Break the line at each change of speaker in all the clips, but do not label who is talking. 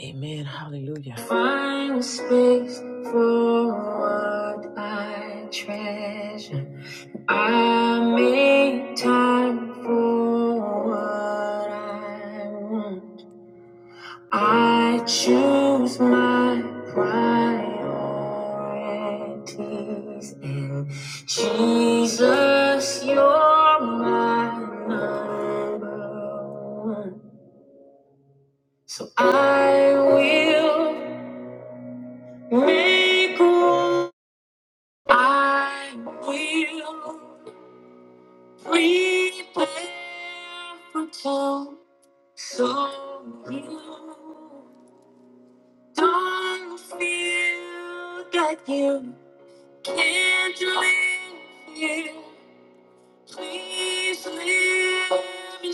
Amen. Hallelujah. Find a space for what I treasure. I make time for what I want. I choose my priorities and Jesus, you're my number one. So I will. Make room, I will prepare for two, so you don't feel that you can't live here. Please live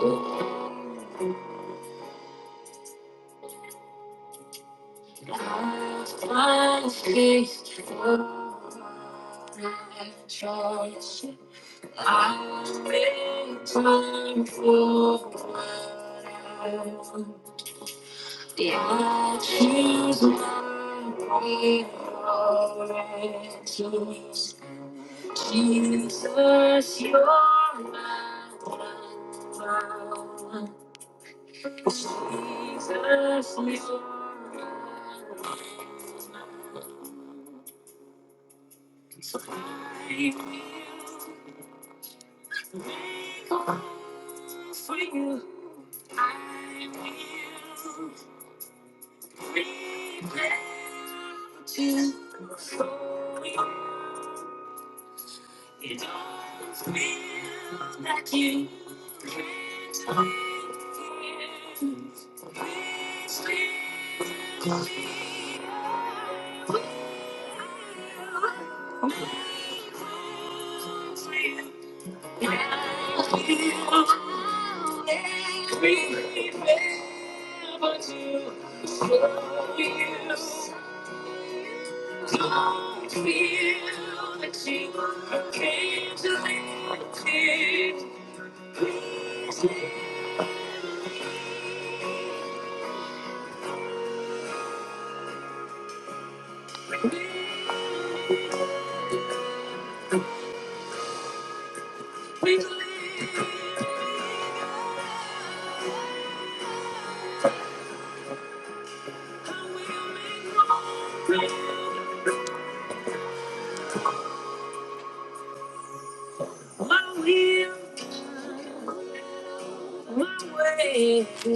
in me. I I for time Jesus, Jesus, you're my one. Jesus, you're my one. So I will make all for you. I will prepare to show you. It all feels like you can't wait Please leave me. I will make room for you. I will My way, my ego,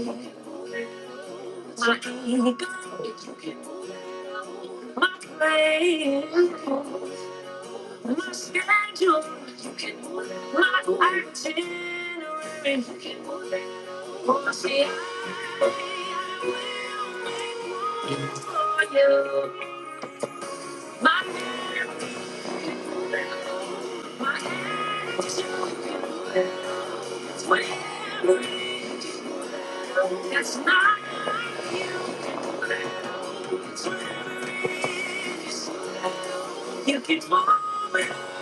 my plans, my schedule, my itinerary. For me, I I will make plans for you. My everything, my everything. It's not like you can dwell. It's where it is. slow. You can dwell, but you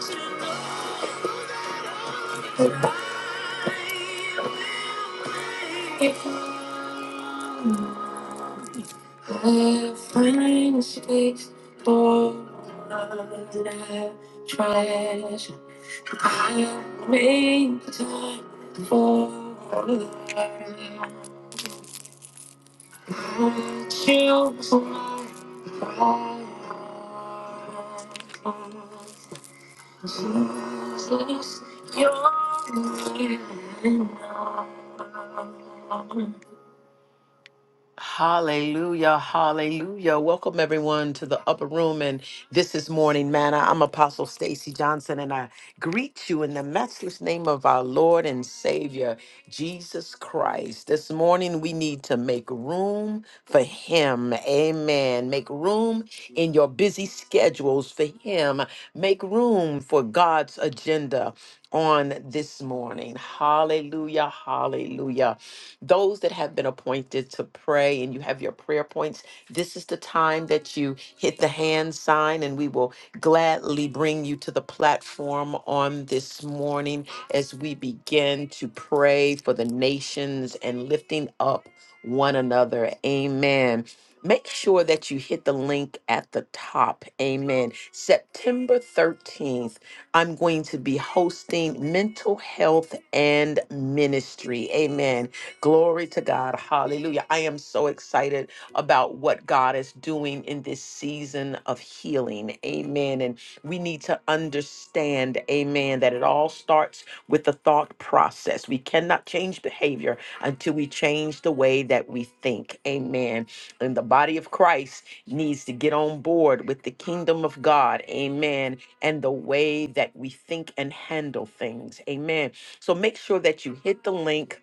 just I find space for my treasure. I make time for love. I choose my heart. Jesus, you're my love. Hallelujah, hallelujah. Welcome everyone to the upper room and this is morning manna. I'm Apostle Stacy Johnson and I greet you in the matchless name of our Lord and Savior Jesus Christ. This morning we need to make room for him. Amen. Make room in your busy schedules for him. Make room for God's agenda on this morning. Hallelujah, hallelujah. Those that have been appointed to pray and you have your prayer points, this is the time that you hit the hand sign and we will gladly bring you to the platform on this morning as we begin to pray for the nations and lifting up one another. Amen. Make sure that you hit the link at the top. Amen. September 13th, I'm going to be hosting mental health and ministry. Amen Glory to God. Hallelujah. I am so excited about what God is doing in this season of healing. Amen. And we need to understand, amen, that it all starts with the thought process. We cannot change behavior until we change the way that we think. Amen. And the body of Christ needs to get on board with the kingdom of God. Amen. And the way that we think and handle things. Amen. So make sure that you hit the link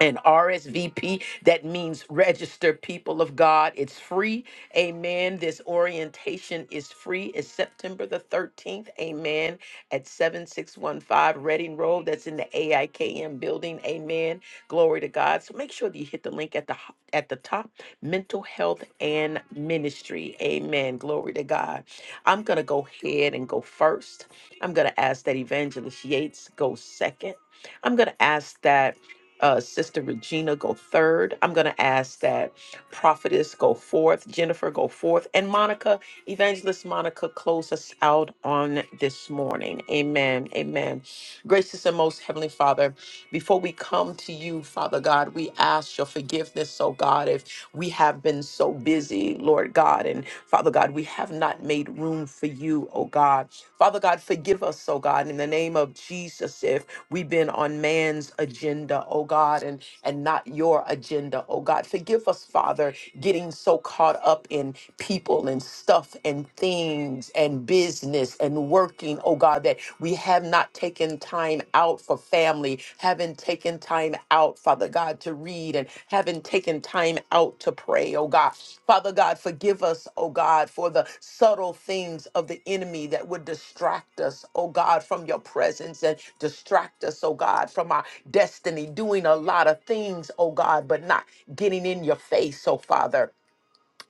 and RSVP. That means register people of God. It's free. Amen. This orientation is free. It's September the 13th. Amen. At 7615 Reading Road. That's in the AIKM building. Amen. Glory to God. So make sure that you hit the link at the ho- at the top. Mental health and ministry. Amen. Glory to God. I'm gonna go ahead and go first. I'm gonna ask that Evangelist Yates go second. I'm gonna ask that uh, Sister Regina go third. I'm going to ask that Prophetess go fourth, Jennifer go fourth, and Monica, Evangelist Monica, close us out on this morning. Amen. Amen. Gracious and most Heavenly Father. Before we come to you, Father God, we ask your forgiveness, oh God, if we have been so busy, Lord God, and Father God, we have not made room for you, oh God. Father God, forgive us, oh God, in the name of Jesus, if we've been on man's agenda, oh God, and and not your agenda, oh God. Forgive us, Father, getting so caught up in people and stuff and things and business business and working, oh God, that we have not taken time out for family, haven't taken time out, Father God, to read and haven't taken time out to pray, oh God. Father God, forgive us, oh God, for the subtle things of the enemy that would distract us, oh God, from your presence and distract us, oh God, from our destiny, doing a lot of things, oh God, but not getting in your face, oh Father.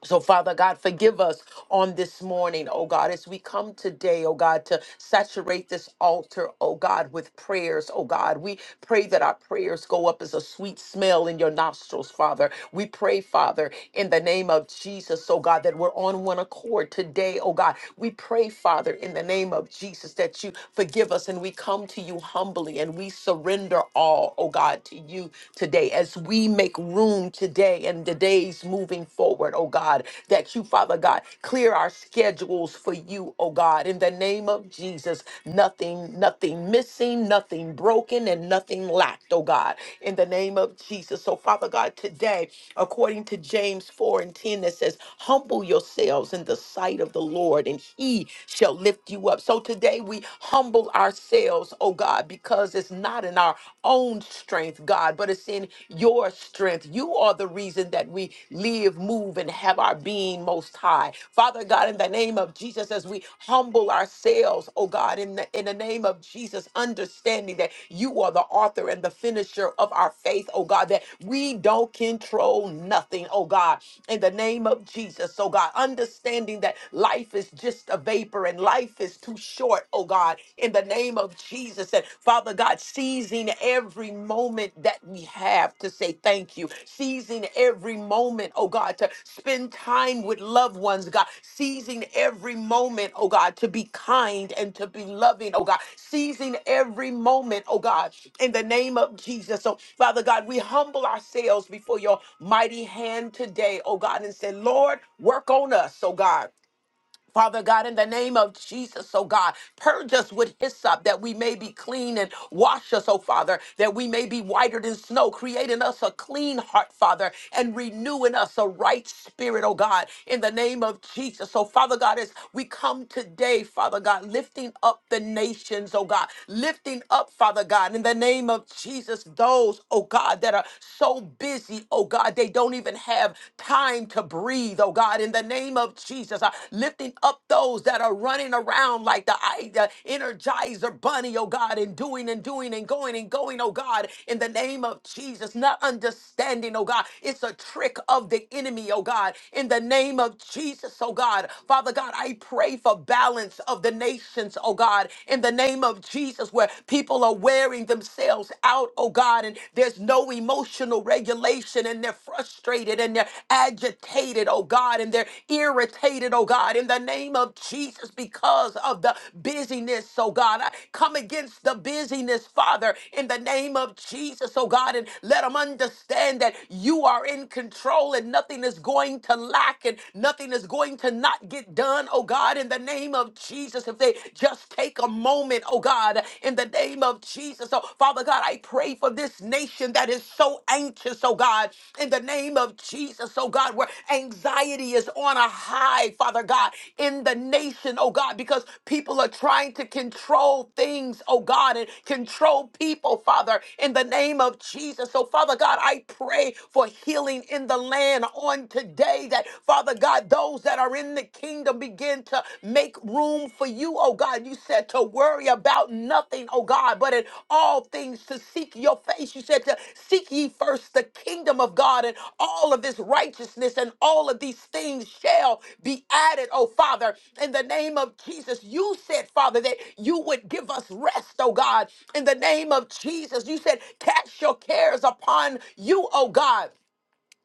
So, Father God, forgive us on this morning, oh God, as we come today, oh God, to saturate this altar, oh God, with prayers, oh God. We pray that our prayers go up as a sweet smell in your nostrils, Father. We pray, Father, in the name of Jesus, oh God, that we're on one accord today, oh God. We pray, Father, in the name of Jesus, that you forgive us and we come to you humbly and we surrender all, oh God, to you today as we make make room today and the days moving forward, oh God, that you, Father God, clear our schedules for you, oh God, in the name of Jesus. Nothing, nothing missing, nothing broken, and nothing lacked, oh God, in the name of Jesus. So, Father God, today, according to James 4 and 10, that says, Humble yourselves in the sight of the Lord, and he shall lift you up. So today we humble ourselves, oh God, because it's not enough not in our own strength, God, but it's in your strength. You are the reason that we live, move, and have our being most high. Father God, in the name of Jesus, as we humble ourselves, oh God, in the, in the name of Jesus, understanding that you are the author and the finisher of our faith, oh God, that we don't control nothing, oh God, in the name of Jesus, oh God, understanding that life is just a vapor and life is too short, oh God, in the name of Jesus. And Father God, seizing every moment that we have to say thank you, seizing every moment, oh God, to spend time with loved ones, God, seizing every moment, oh God, to be kind and to be loving, oh God, seizing every moment, oh God, in the name of Jesus. So, Father God, we humble ourselves before your mighty hand today, oh God, and say, Lord, work on us, oh God. Father God, in the name of Jesus, oh God, purge us with hyssop that we may be clean and wash us, oh Father, that we may be whiter than snow, create in us a clean heart, Father, and renew in us a right spirit, oh God, in the name of Jesus. So, Father God, as we come today, Father God, lifting up the nations, oh God, lifting up, Father God, in the name of Jesus, those, oh God, that are so busy, oh God, they don't even have have time to breathe, oh God, in the name of Jesus. Uh, lifting up those that are running around like the, I- the Energizer bunny, oh God, and doing and doing and going and going, oh God, in the name of Jesus. Not understanding, oh God, it's a trick of the enemy, oh God, in the name of Jesus, oh God. Father God, I pray for balance of the nations, oh God, in the name of Jesus, where people are wearing themselves out, oh oh God, and there's no emotional regulation, and they're frustrated and they're agitated, oh God, and they're irritated, oh God, in the name of Jesus because of the busyness, oh God. I come against the busyness, Father, in the name of Jesus, oh God, and let them understand that you are in control and nothing is going to lack and nothing is going to not get done, oh God, in the name of Jesus, if they just take take a moment, oh God, in the name of Jesus. So, Father God, I pray for this nation that is so anxious, oh God, in the name of Jesus, oh God, where anxiety is on a high, Father God, in the nation, oh God, because people are trying to control things, oh God, and control people, Father, in the name of Jesus. So, Father God, I pray for healing in the land on today that, Father God, those that are are in the kingdom begin to make room for you, oh God. You said to worry about nothing, oh God, but in all things to seek your face. You said to seek ye first the kingdom of God and all of his righteousness, and all of these things shall be added, oh Father. In the name of Jesus, you said, Father, that you would give us rest, oh God. In the name of Jesus, you said, cast your cares upon you, oh God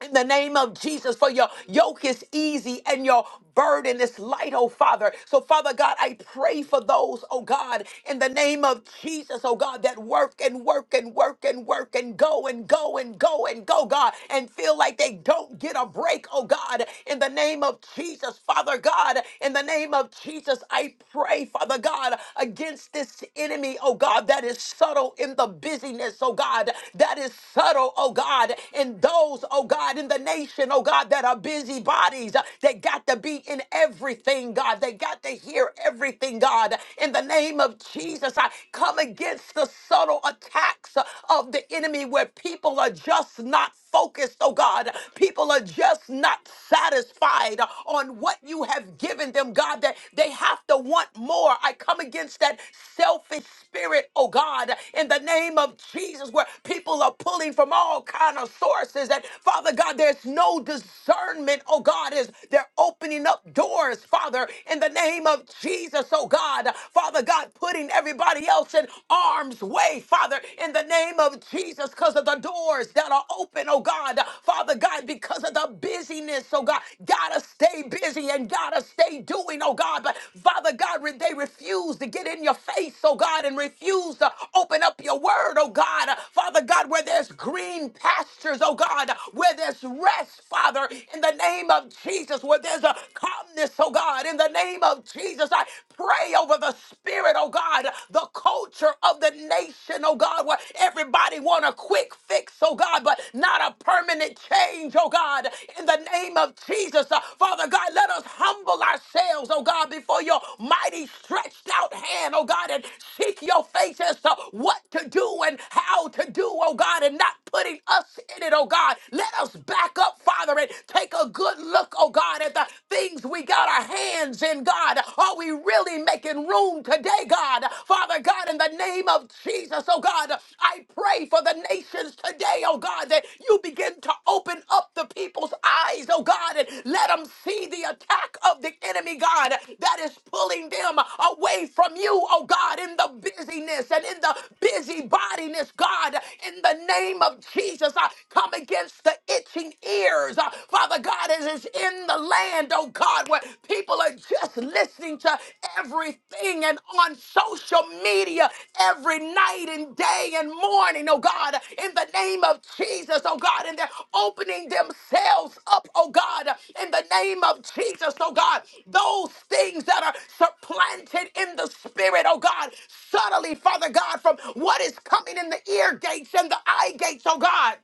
in the name of Jesus, for your yoke is easy and your burden is light, oh Father. So, Father God, I pray for those, oh God, in the name of Jesus, oh God, that work and work and work and work and go and go and go and go, God, and feel like they don't get a break, oh God, in the name of Jesus, Father God, in the name of Jesus, I pray, Father God, against this enemy, oh God, that is subtle in the busyness, oh God, that is subtle, oh God, in those, oh oh God, in the nation, oh God, that are busy bodies. uh, They got to be in everything, God. They got to hear everything, God. In the name of Jesus, I come against the subtle attacks uh, of the enemy where people are just not focused, oh God. People are just not satisfied uh, on what you have given them, God, that they have to want more. I come against that selfish spirit, oh God, in the name of Jesus, where people are pulling from all kind of sources, and Father God, there's no discernment, oh God, is they're opening up doors, Father, in the name of Jesus, oh God. Father God, putting everybody else in harm's way, Father, in the name of Jesus, because of the doors that are open, oh God. Father God, because of the busyness, oh God, gotta stay busy and gotta stay doing, oh God. But Father God, re- they refuse to get in your face, oh God, and refuse to open up your word, oh God. Father God, where there's green pastures, oh God. God, where there's rest, Father, in the name of Jesus, where there's a calmness, oh God, in the name of Jesus, I pray over the spirit, oh God, the culture of the nation, oh God, where everybody want a quick fix, oh God, but not a permanent change, oh God, in the name of Jesus. Uh, Father God, let us humble ourselves, oh God, before your mighty stretched out hand, oh God, and seek your face as to what to do and how to do, oh God, and not putting us in it, it, oh God. Let us back up, Father, and take a good look, oh God, at the things we got our hands in, God. Are we really making room today, God? Father God, in the name of Jesus, oh God, I pray for the nations today, oh God, that you begin to open up the people's eyes, oh God, and let them see the attack of the enemy, God, that is pulling them away from you, oh God, in the busyness and in the busybodiness, God, in the name of Jesus. I Come against the itching ears. Uh, Father God, as is in the land, oh God, where people are just listening to everything and on social media every night and day and morning, oh God, in the name of Jesus, oh God, and they're opening themselves up, oh God, in the name of Jesus, oh God, those things that are supplanted in the spirit, oh God, subtly, Father God, from what is coming in the ear gates and the eye gates, oh God.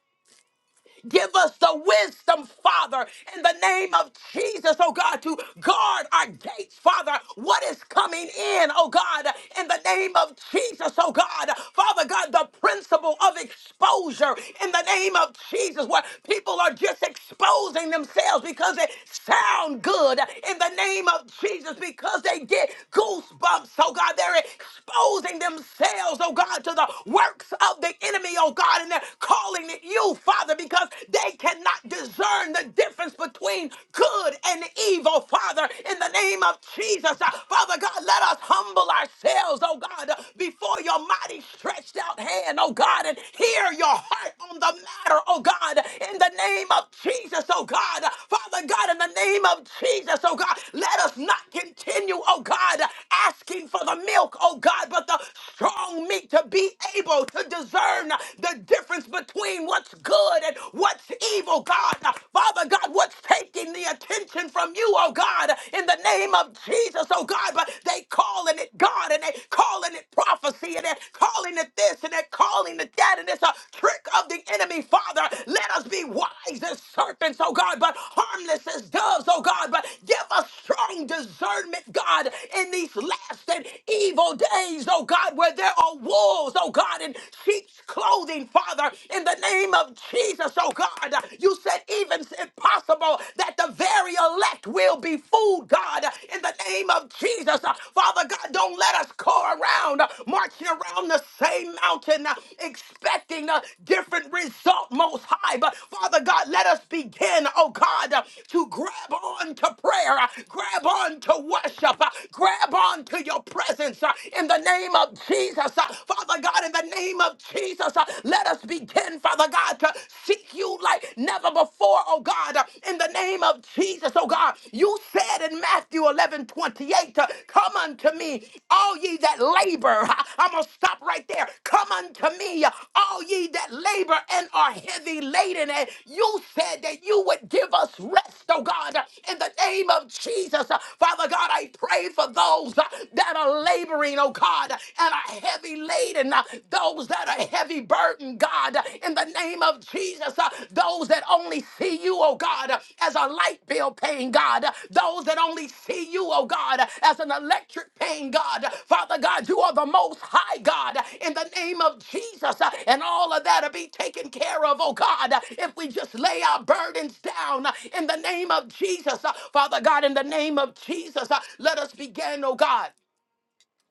Give us the wisdom, Father, in the name of Jesus, oh God, to guard our gates, Father. What is coming in, oh God, in the name of Jesus, oh God. Father God, the principle of exposure in the name of Jesus, where people are just exposing themselves because it sound good in the name of Jesus, because they get goosebumps, oh God. They're exposing themselves, oh God, to the works of the enemy, oh God, and they're calling pregnant youth, Father, because they cannot discern the difference between good and evil, Father, in the name of Jesus. Uh, Father God, let us humble ourselves, oh God, uh, before your mighty stretched out hand, oh God, and hear your heart on the matter, oh God, in the name of Jesus, oh God. Uh, Father God, in the name of Jesus, oh God, let us not continue, oh God, uh, asking for the milk, oh God, but the strong meat to be able to discern the difference between what's good and what's evil, God. Father God, what's taking the attention from you, oh God, in the name of Jesus, oh God. But they calling it God and they calling it prophecy and they're calling it this and they're calling it that and it's a trick of the enemy, Father. Let us be wise as serpents, oh God, but harmless as doves, oh God. But give us strong discernment, God, in these last and evil days, oh God, where there are wolves, oh God. God, in sheep's clothing, Father, in the name of Jesus, oh God. You said, even if possible, that the very elect will be fooled, God, in the name of Jesus. Father God, don't let us go around uh, marching around the same mountain, uh, expecting a different result, most high. But Father God, let us begin, oh God, uh, to grab on to prayer, uh, grab on to worship, uh, grab on to your presence uh, in the name of Jesus us, uh, Father God, in the name of Jesus. uh, Let us begin, Father God, to seek you like never before, oh God, uh, in the name of Jesus, oh God. You said in Matthew 11 28, uh, Come unto me, all ye that labor. uh, I'm going to stop right there. Come unto me, uh, all ye that labor and are heavy laden. And you said that you would give us rest, oh God, uh, in the name of Jesus. Uh, Father God, I pray for those uh, that are laboring, oh oh God, and are heavy laden, uh, those that are heavy burdened, God, uh, in the name of Jesus, uh, those that only see you, oh God, uh, as a light bill paying God, uh, those that only see you, oh God, uh, as an electric paying God. Father God, you are the most high God, uh, in the name of Jesus, uh, and all of that will be taken care of, oh God, uh, if we just lay our burdens down uh, in the name of Jesus. Uh, Father God, in the name of Jesus, uh, let us begin, oh God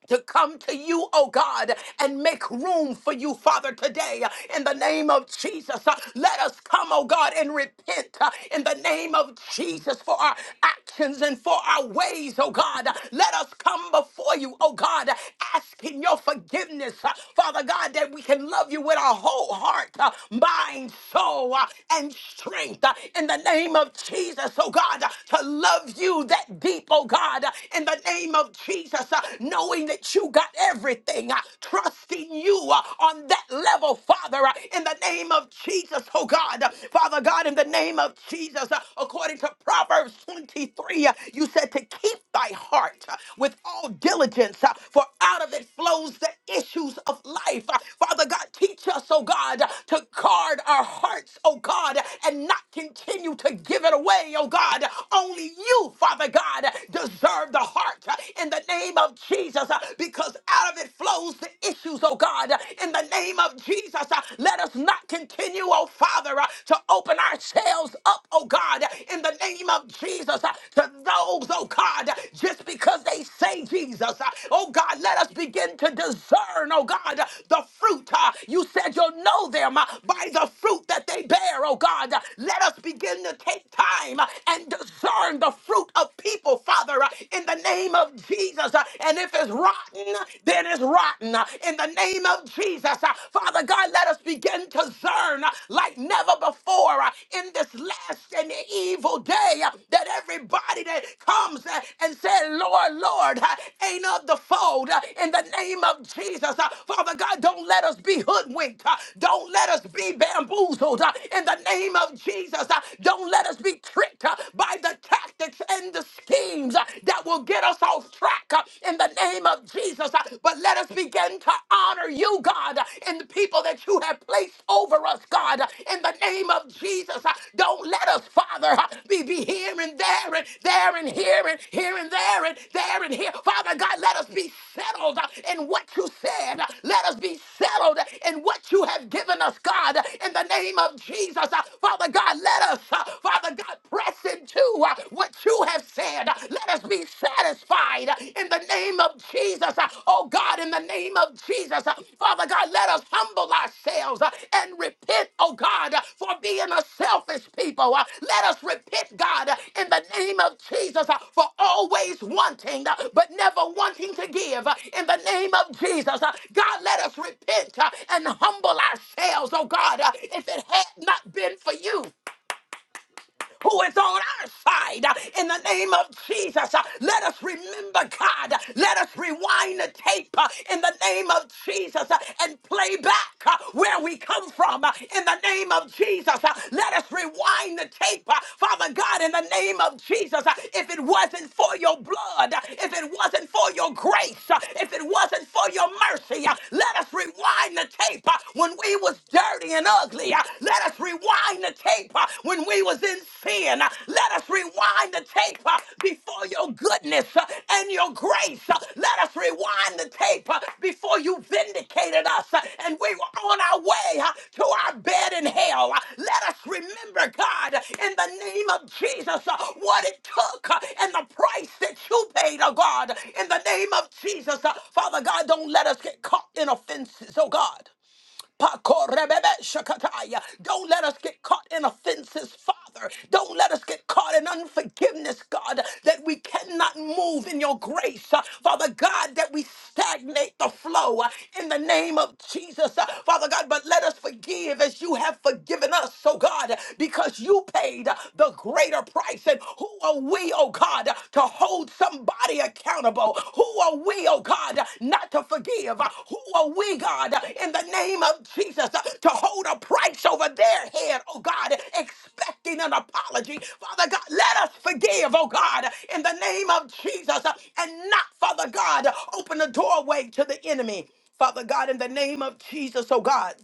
to come to you, oh God, and make room for you, Father, today in the name of Jesus. Uh, Let us come, oh God, and repent uh, in the name of Jesus for our actions and for our ways, oh God. Let us come before you, oh God, asking your forgiveness, uh, Father God, that we can love you with our whole heart, uh, mind, soul, uh, and strength uh, in the name of Jesus, oh God, to love you that deep, oh God, in the name of Jesus. Jesus, uh, knowing that you got everything, uh, trusting you uh, on that level, Father, uh, in the name of Jesus, oh God. Uh, Father God, in the name of Jesus, uh, according to Proverbs 23, uh, you said to keep thy heart uh, with all diligence, uh, for out of it flows the issues of life. Uh, Father God, teach us, oh God, uh, to guard our hearts, oh God, and not continue to give it away, oh God. Only you, Father God, deserve preserve the heart uh, in the name of Jesus uh, because out of it flows the issues, oh God. Uh, In the name of Jesus, uh, let us not continue, oh Father, uh, to open ourselves up, oh God, uh, in the name of Jesus uh, to those, oh God, uh, just because they say Jesus. uh, Oh God, let us begin to discern, oh God, uh, the fruit. uh, You said you'll know them uh, by the fruit that they bear, oh God. Uh, Let us begin to take time uh, and discern the fruit of of people, Father, uh, in the name of Jesus. uh, And if it's rotten, then it's rotten. uh, In the name of Jesus, uh, Father God, let us begin to discern uh, like never before uh, in this last and evil day uh, that everybody that comes uh, and said, Lord, Lord, uh, ain't of the fold. uh, In the name of Jesus, uh, Father God, don't let us be hoodwinked. uh, Don't let us be bamboozled. uh, In the name of Jesus, uh, don't let us be tricked uh, by by the tactics and the schemes uh, that will get us off track uh, in the name of Jesus. Uh, But let us begin to honor you, God, uh, and the people that you have placed over us, God, uh, in the name of Jesus. Uh, Don't let us, Father, uh, be, be here and there and there and here and here and there and there and here. Father God, let us be settled uh, in what you said. Uh, Let us be settled in what you have given us, God, in the name of Jesus. Uh, Father God, let us, uh, Father. Father God, press into uh, what you have said. Let us be satisfied in the name of Jesus. Oh God, in the name of Jesus, Father God, let us humble ourselves and repent, oh God, for being a selfish people. Let us repent, God, in the name of Jesus, for always wanting but never wanting to give. In the name of Jesus, God, let us repent and humble ourselves, oh God, if it had not been for you who is on our side. uh, In the name of Jesus, uh, let us remember God. Let us rewind the tape uh, in the name of Jesus uh, and play back uh, where we come from. uh, In the name of Jesus, uh, let us rewind the tape, uh, Father God, in the name of Jesus. Uh, If it wasn't for your blood, uh, if it wasn't for your grace, uh, if it wasn't for your mercy, uh, let us rewind the tape uh, when we was dirty and ugly. uh, let us rewind the tape uh, when we was in sin. Uh, Let us rewind the tape uh, before your goodness uh, and your grace. Uh, Let us rewind the tape uh, before you vindicated us uh, and we were on our way uh, to our bed in hell. Uh, Let us remember, God, in the name of Jesus, uh, what it took uh, and the price that you paid, oh God, in the name of Jesus. Uh, Father God, don't let us get caught in offenses, oh God. Pako rebebe shakataya. Don't let us get caught in offenses, Father. Don't let us get caught in unforgiveness, God, that we cannot move in your grace. Uh, Father God, that we stagnate the flow uh, in the name of Jesus. Uh, Father God, but let us forgive as you have forgiven us, oh God, because you paid uh, the greater price. And who are we, oh God, God, to hold somebody accountable. Who are we, oh God, not to forgive? Who are we, God, in the name of Jesus, to hold a price over their head, oh God, expecting an apology? Father God, let us forgive, oh God, in the name of Jesus, and not, Father God, open the doorway to the enemy. Father God, in the name of Jesus, oh God.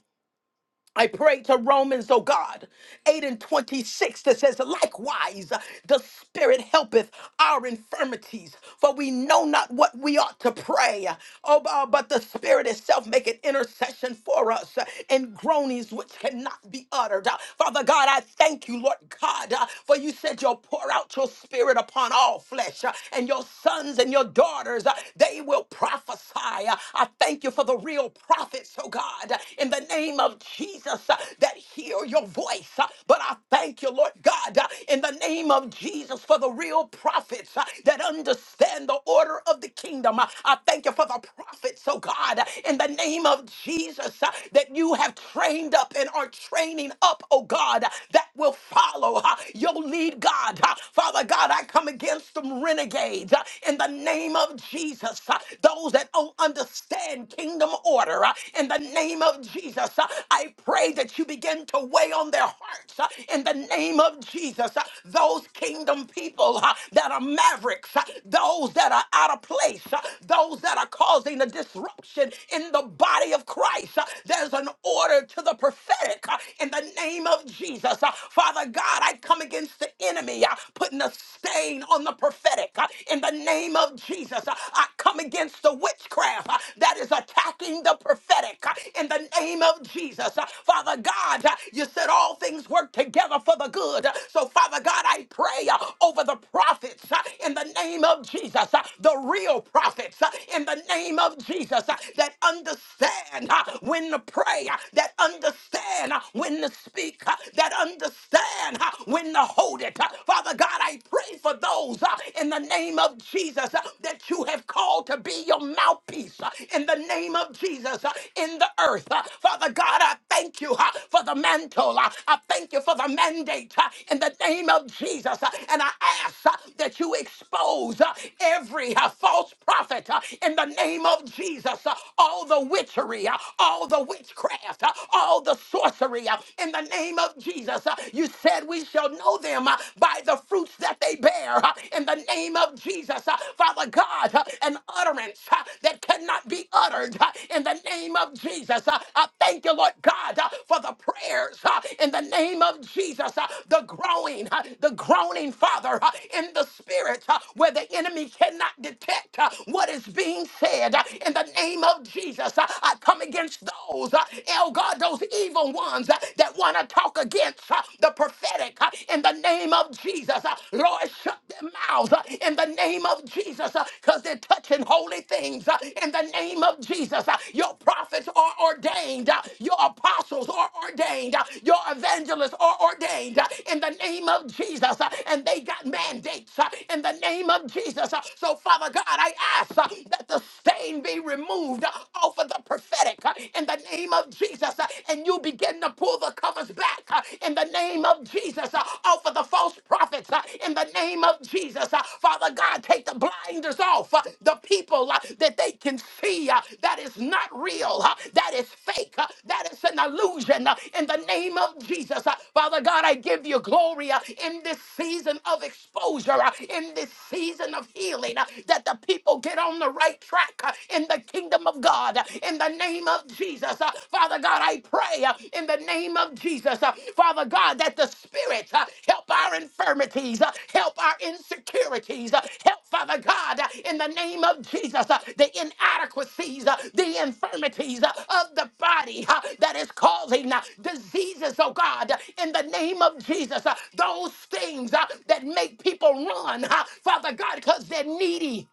I pray to Romans, oh God, 8 and 26 that says, Likewise, the Spirit helpeth our infirmities, for we know not what we ought to pray. Oh, bu- but the Spirit itself maketh intercession for us uh, in groanings which cannot be uttered. Uh, Father God, I thank you, Lord God, uh, for you said you'll pour out your Spirit upon all flesh, uh, and your sons and your daughters, uh, they will prophesy. Uh, I thank you for the real prophet prophets, oh God, in the name of Jesus uh, that hear your voice. Uh, But I thank you, Lord God, uh, in the name of Jesus for the real prophets uh, that understand the order of the kingdom. Uh, I thank you for the prophets, oh God, uh, in the name of Jesus uh, that you have trained up and are training up, oh God, uh, that will follow uh, your lead, God. Uh, Father God, I come against them renegades uh, in the name of Jesus. uh, Those that those that don't understand kingdom order. uh, In the name of Jesus, uh, I pray that you begin to weigh on their hearts. uh, In the name of Jesus, uh, those kingdom people uh, that are mavericks, uh, those that are out of place, uh, those that are causing a disruption in the body of Christ. uh, There's an order to the prophetic uh, in the name of Jesus. Uh, Father God, I come against the enemy, uh, putting a stain on the prophetic uh, in the name name of Jesus, uh, I come against the witchcraft uh, that is attacking the prophetic uh, in the name of Jesus. Uh, Father God, uh, you said all things work together for the good. Uh, So, Father God, I pray uh, over the prophets uh, in the name of Jesus, uh, the real prophets uh, in the name of Jesus uh, that understand uh, when to pray, uh, that understand uh, when to speak, uh, that understand uh, when to hold it. Uh, Father God, I pray for those uh, in the name of Jesus uh, that you have called to be your mouthpiece uh, in the name of Jesus uh, in the earth. Uh, Father God, I thank you uh, for the mantle. Uh, I thank you for the mandate uh, in the name of Jesus. Uh, and I ask uh, that you expose uh, every uh, false prophet uh, in the name of Jesus, uh, all the witchery, uh, all the witchcraft, uh, all the sorcery uh, in the name of Jesus. Uh, you said said, We shall know them uh, by the fruits that they bear uh, in the name of Jesus. Uh, Father God, uh, an utterance uh, that cannot be uttered uh, in the name of Jesus. Uh, I thank you, Lord God, uh, for the prayers uh, in the name of Jesus, uh, the growing, uh, the groaning, Father, uh, in the spirit uh, where the enemy cannot detect uh, what is being said uh, in the name of Jesus. Uh, I come against those, uh, El God, those evil ones uh, that want to talk against uh, the prophetic uh, in the name of Jesus. Uh, Lord, shut their mouths uh, in the name of Jesus because they're touching holy things uh, in the name of Jesus. Uh, Your prophets are ordained, uh, your apostles are ordained, uh, your evangelists are ordained uh, in the name of Jesus, uh, and they got mandates uh, in the name of Jesus. Uh, So, Father God, I ask uh, that the Pain be removed uh, off of the prophetic uh, in the name of Jesus. uh, And you begin to pull the covers back uh, in the name of Jesus uh, off of the false prophets uh, in the name of Jesus. uh, Father God, take the blinders off uh, the people uh, that they can see uh, that is not real, uh, that is fake, uh, that is an illusion uh, in the name of Jesus. uh, Father God, I give you glory uh, in this season of exposure, uh, in this season of healing, uh, that the people get on on the right track uh, in the kingdom of God uh, in the name of Jesus. Uh, Father God, I pray uh, in the name of Jesus, uh, Father God, that the Spirit uh, help our infirmities, uh, help our insecurities, uh, help, Father God, uh, in the name of Jesus, uh, the inadequacies, uh, the infirmities uh, of the body uh, that is causing uh, diseases, oh God, uh, in the name of Jesus, uh, those things uh, that make people run, uh, Father God, because they're needy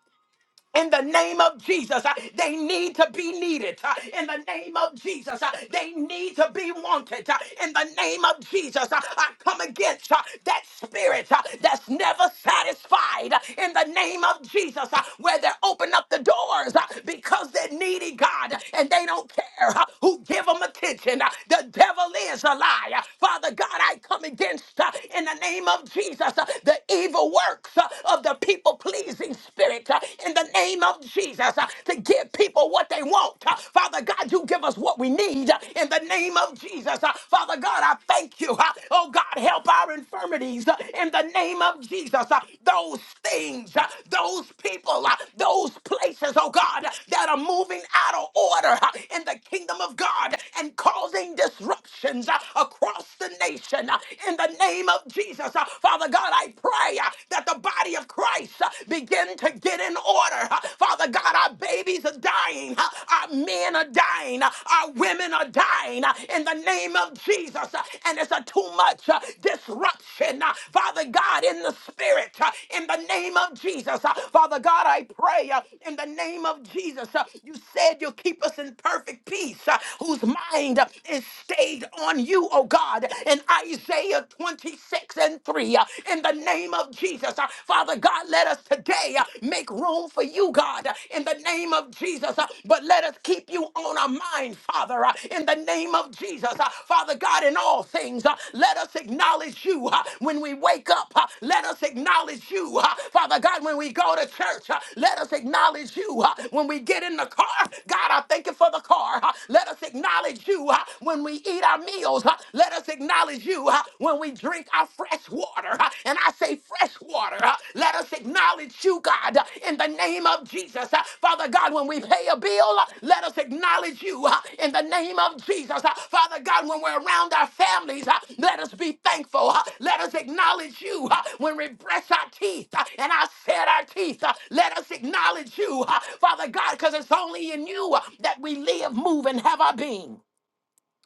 in the name of Jesus. uh, They need to be needed. uh, In the name of Jesus, uh, they need to be wanted. uh, In the name of Jesus, uh, I come against uh, that spirit uh, that's never satisfied. uh, In the name of Jesus, uh, where they open up the doors uh, because they're needy, God, and they don't care uh, who give them attention. uh, The devil is a liar. Father God, I come against uh, in the name of Jesus uh, the evil works uh, of the people people pleasing spirit uh, in the name of Jesus uh, to give people what they want. Uh, Father God, you give us what we need uh, in the name of Jesus. Uh, Father God, I thank you. uh, Oh God, help our infirmities uh, in the name of Jesus. Uh, Those things, uh, those people, uh, those places, oh God, that are moving out of order uh, in the kingdom of God and causing disruptions uh, across the nation uh, in the name of Jesus. Uh, Father God, I pray uh, that the body of Christ voice uh, begin to get in order. Uh, Father God, our babies are dying. Uh, Our men are dying. Uh, Our women are dying uh, in the name of Jesus. Uh, And it's a too much uh, disruption. Uh, Father God, in the spirit, uh, in the name of Jesus. Uh, Father God, I pray uh, in the name of Jesus. Uh, You said you'll keep us in perfect peace, uh, whose mind uh, is stayed on you, oh God. In Isaiah 26 and 3, glory uh, in the name of Jesus. Uh, Father God, let us today uh, make room for you, God, uh, in the name of Jesus. Uh, But let us keep you on our mind, Father, uh, in the name of Jesus. Uh, Father God, in all things, uh, let us acknowledge you uh, when we wake up. uh, Let us acknowledge you, uh, Father God, when we go to church. uh, Let us acknowledge you uh, when we get in the car. God, I thank you for the car. uh, Let us acknowledge you uh, when we eat our meals. uh, Let us acknowledge you uh, when we drink our fresh water. uh, And I say, fresh water, uh, let us acknowledge you, God, uh, in the name of Jesus. Uh, Father God, when we pay a bill, uh, let us acknowledge you uh, in the name of Jesus. Uh, Father God, when we're around our families, uh, let us be thankful. uh, Let us acknowledge you uh, when we brush our teeth uh, and I set our teeth. uh, Let us acknowledge you, uh, Father God, because it's only in you uh, that we live, move, and have our being.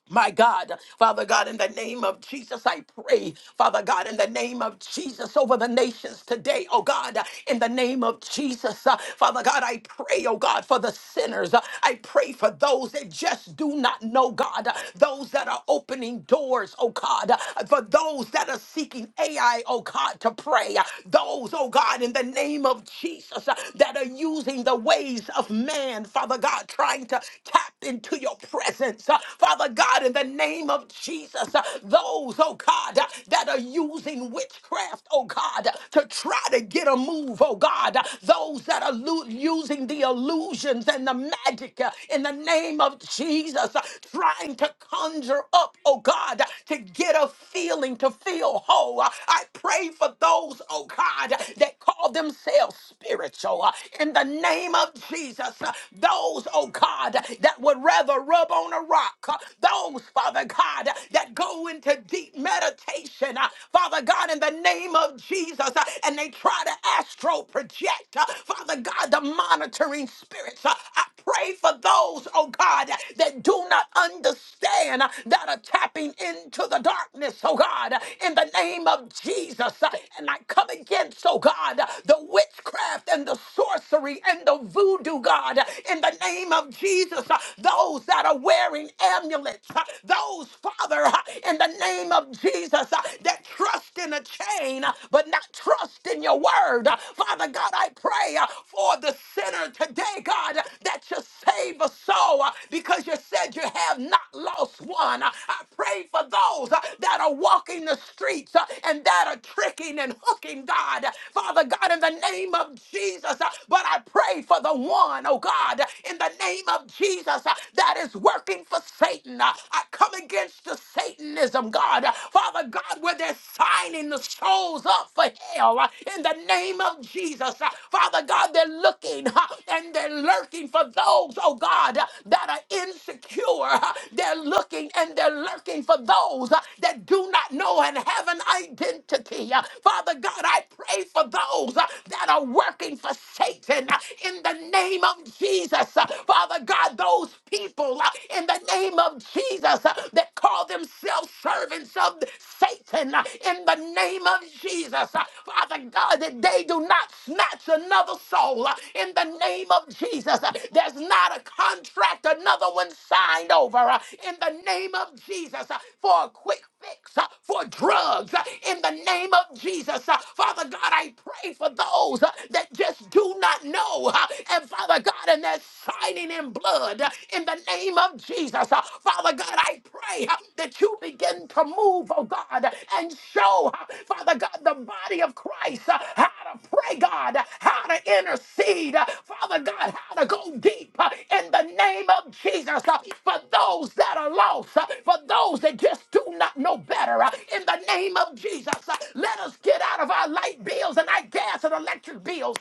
My God, Father God, in the name of Jesus, I pray, Father God, in the name of Jesus, over the nations today, oh God, in the name of Jesus, uh, Father God, I pray, oh God, for the sinners. Uh, I pray for those that just do not know God, uh, those that are opening doors, oh God, uh, for those that are seeking AI, oh God, to pray, Uh, those, oh God, in the name of Jesus, uh, that are using the ways of man, Father God, trying to tap into your presence servants, uh, Father God, in the name of Jesus. uh, Those, oh God, uh, that are using witchcraft, oh God, uh, to try to get a move, oh God. uh, Those that are lu- using the illusions and the magic uh, in the name of Jesus, uh, trying to conjure up, oh God, uh, to get a feeling, to feel whole. Uh, I pray for those, oh God, uh, that call themselves spiritual uh, in the name of Jesus. uh, Those, oh God, that would rather rub on a rock. Uh, Those, Father God, uh, that go into deep meditation, uh, Father God, in the name of Jesus, uh, and they try to astral project, uh, Father God, the monitoring spirits. uh, I pray for those, oh God, that do not understand uh, that are tapping into the darkness, oh God, uh, in the name of Jesus. uh, And I come against, oh God, uh, the witchcraft and the sorcery and the voodoo, God, uh, in the name of Jesus. Jesus, uh, those that are wearing amulets, uh, those, Father, uh, in the name of Jesus, uh, that trust in a chain, uh, but not trust in your word. Uh, Father God, I pray uh, for the sinner today, God, uh, that you save a soul uh, because you said you have not lost one. Uh, I pray for those uh, that are walking the streets uh, and that are tricking and hooking, God. Father God, in the name of Jesus, uh, but I pray for the one, oh God in the name of Jesus uh, that is working for Satan. Uh, I come against the Satanism, God. Uh, Father God, where they're signing the souls up for hell uh, in the name of Jesus. Uh, Father God, they're looking uh, and they're lurking for those, oh God, uh, that are insecure. Uh, They're looking and they're lurking for those uh, that do not know and have an identity. Uh, Father God, I pray for those uh, that are working for Satan uh, in the name name of Jesus. Uh, Father God, those people uh, in the name of Jesus uh, that call themselves servants of Satan uh, in the name of Jesus. uh, Father God, that they do not snatch another soul uh, in the name of Jesus. uh, There's not a contract, another one signed over uh, in the name of Jesus uh, for a quick fix, uh, for drugs uh, in the name of Jesus. uh, Father God, I pray for those uh, that just do not know. uh, And Father God, and they're shining in blood uh, in the name of Jesus. Uh, Father God, I pray uh, that you begin to move, oh God, uh, and show, uh, Father God, the body of Christ uh, how to pray, God, uh, how to intercede, uh, Father God, how to go deep uh, in the name of Jesus uh, for those that are lost, uh, for those that just do not know better. uh, In the name of Jesus, uh, let us get out of our light bills and our gas and electric bills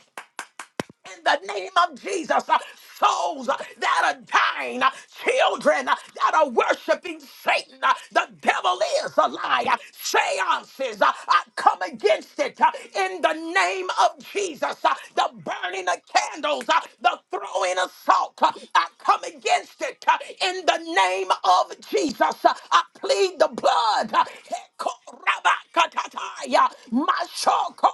in the name of Jesus. Uh, Souls uh, that are dying, uh, children uh, that are worshiping Satan. Uh, The devil is a liar. Seances, uh, I come against it uh, in the name of Jesus. Uh, The burning of candles, uh, the throwing of salt, uh, I come against it uh, in the name of Jesus. Uh, I plead the blood. uh, Hekorabakatataya, mashoko,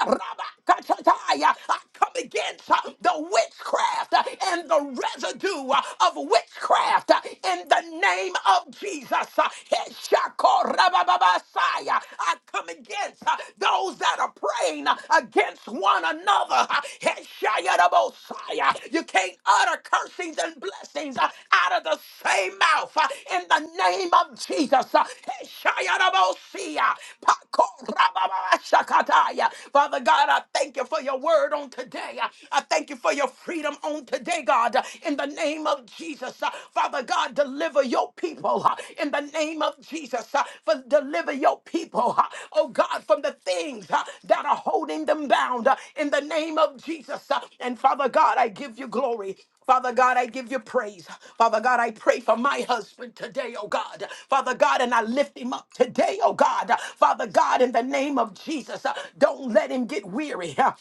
herabakatataya come against uh, the witchcraft uh, and the residue uh, of witchcraft uh, in the name of Jesus. Uh, Heshakorababasaya. I come against uh, those that are praying uh, against one another. Uh, Heshayarabosaya. You can't utter cursings and blessings uh, out of the same mouth uh, in the name of Jesus. Uh, Heshayarabosia. Pakorababashakataya. Father God, I thank you for your word word on today. Uh, I thank you for your freedom on today, God, uh, in the name of Jesus. Uh, Father God, deliver your people uh, in the name of Jesus. uh, For deliver your people, uh, oh God, from the things uh, that are holding them bound uh, in the name of Jesus. Uh, And Father God, I give you glory. Father God, I give you praise. Father God, I pray for my husband today, oh God. Father God, and I lift him up today, oh God. Father God, in the name of Jesus, uh, don't let him get weary. huh,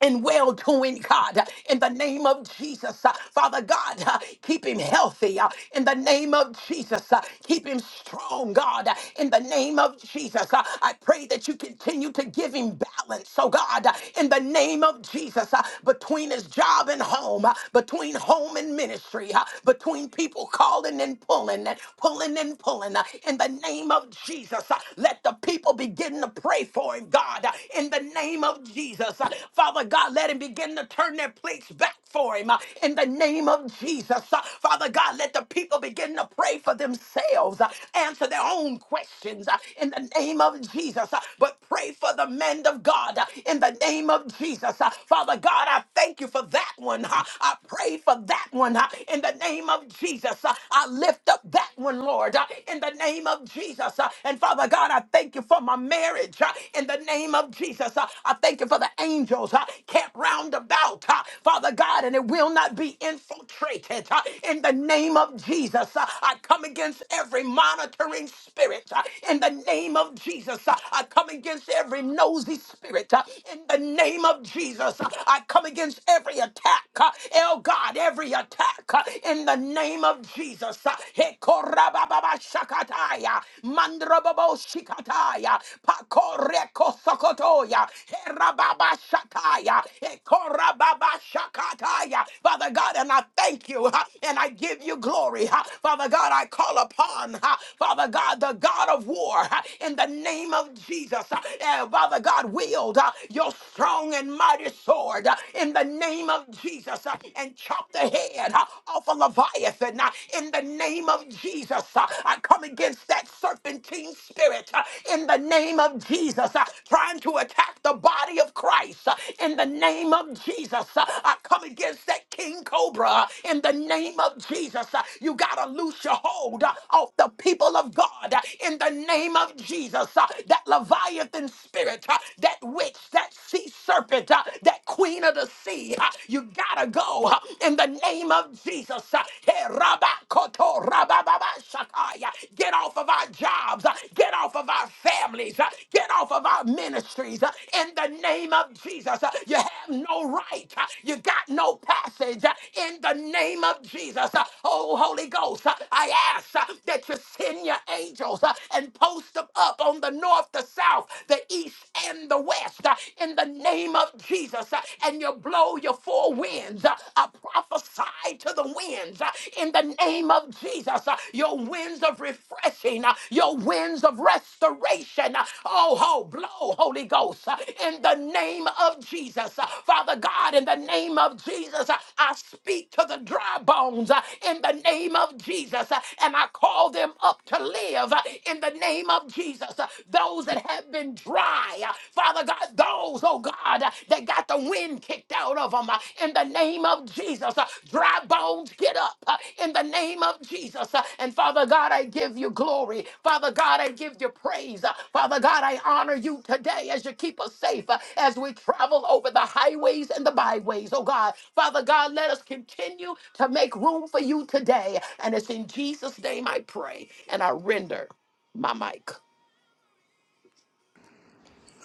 and well doing, God, uh, in the name of Jesus. Uh, Father God, uh, keep him healthy uh, in the name of Jesus. Uh, Keep him strong, God, uh, in the name of Jesus. Uh, I pray that you continue to give him balance, so God, uh, in the name of Jesus, uh, between his job and home, uh, between home and ministry, uh, between people calling and pulling and pulling and pulling, uh, in the name of Jesus, uh, let the people begin to pray for him, God. God, uh, in the name of Jesus. Uh, Father God, let him begin to turn their plates back for him, uh, in the name of Jesus. Uh, Father God, let the people begin to pray for themselves, uh, answer their own questions, uh, in the name of Jesus. Uh, But pray for the men of God, uh, in the name of Jesus. Uh, Father God, I thank you for that one. uh, I pray for that one, uh, in the name of Jesus. Uh, I lift up that one, Lord, uh, in the name of Jesus. Uh, And Father, Father God, I thank you for my marriage uh, in the name of Jesus. Uh, I thank you for the angels uh, camp round about, uh, Father God, and it will not be infiltrated uh, in the name of Jesus. Uh, I come against every monitoring spirit uh, in the name of Jesus. Uh, I come against every nosy spirit uh, in the name of Jesus. Uh, I come against every attack, uh, oh God, every attack uh, in the name of Jesus. Uh, Rabababa Shakataya, Mandrababo Shikataya, Pakoreko Sokotoya, Herababa Shataya, Ekorababa Shakataya. Father God, and I thank you huh, and I give you glory. huh. Father God, I call upon, huh, Father God, the God of war huh, in the name of Jesus. huh. And Father God, wield huh, your strong and mighty sword huh, in the name of Jesus huh, and chop the head huh, off off of Leviathan uh, in the name of Jesus. uh, I come against that serpentine spirit uh, in the name of Jesus uh, trying to attack the body of Christ uh, in the name of Jesus. uh, I come against that king cobra uh, in the name of Jesus. uh, You got to loose your hold uh, off the people of God uh, in the name of Jesus. uh, That Leviathan spirit, uh, that witch, that sea serpent, uh, that queen of the sea. uh, You you gotta go huh? in the name of Jesus. huh? Hey, Rabba Koto, Rabba Baba Shakaya. Get off of our jobs. huh? Get off of our families. huh? Get off of our ministries. huh? In the name of Jesus, huh? you have no right. huh? You got no passage. huh? In the name of Jesus, huh? oh Holy Ghost, huh? I ask huh, that you send your angels huh, and post them up on the north, the south, the east, and the west. huh? In the name name of Jesus, uh, and you blow your four winds. Uh, I prophesy to the winds uh, in the name of Jesus. Uh, Your winds of refreshing, uh, your winds of restoration. Uh, Oh, ho, blow, Holy Ghost, uh, in the name of Jesus. Uh, Father God, in the name of Jesus, uh, I speak to the dry bones uh, in the name of Jesus, uh, and I call them up to live uh, in the name of Jesus. Uh, Those that have have been dry. Uh, Father God, those, oh God, uh, that got the wind kicked out of them in the name of Jesus. Uh, Dry bones, get up uh, in the name of Jesus. Uh, And Father God, I give you glory. Father God, I give you praise. Uh, Father God, I honor you today as you keep us safe uh, as we travel over the highways and the byways, oh God. Father God, let us continue to make room for you today. And it's in Jesus' name I pray. And I render my mic.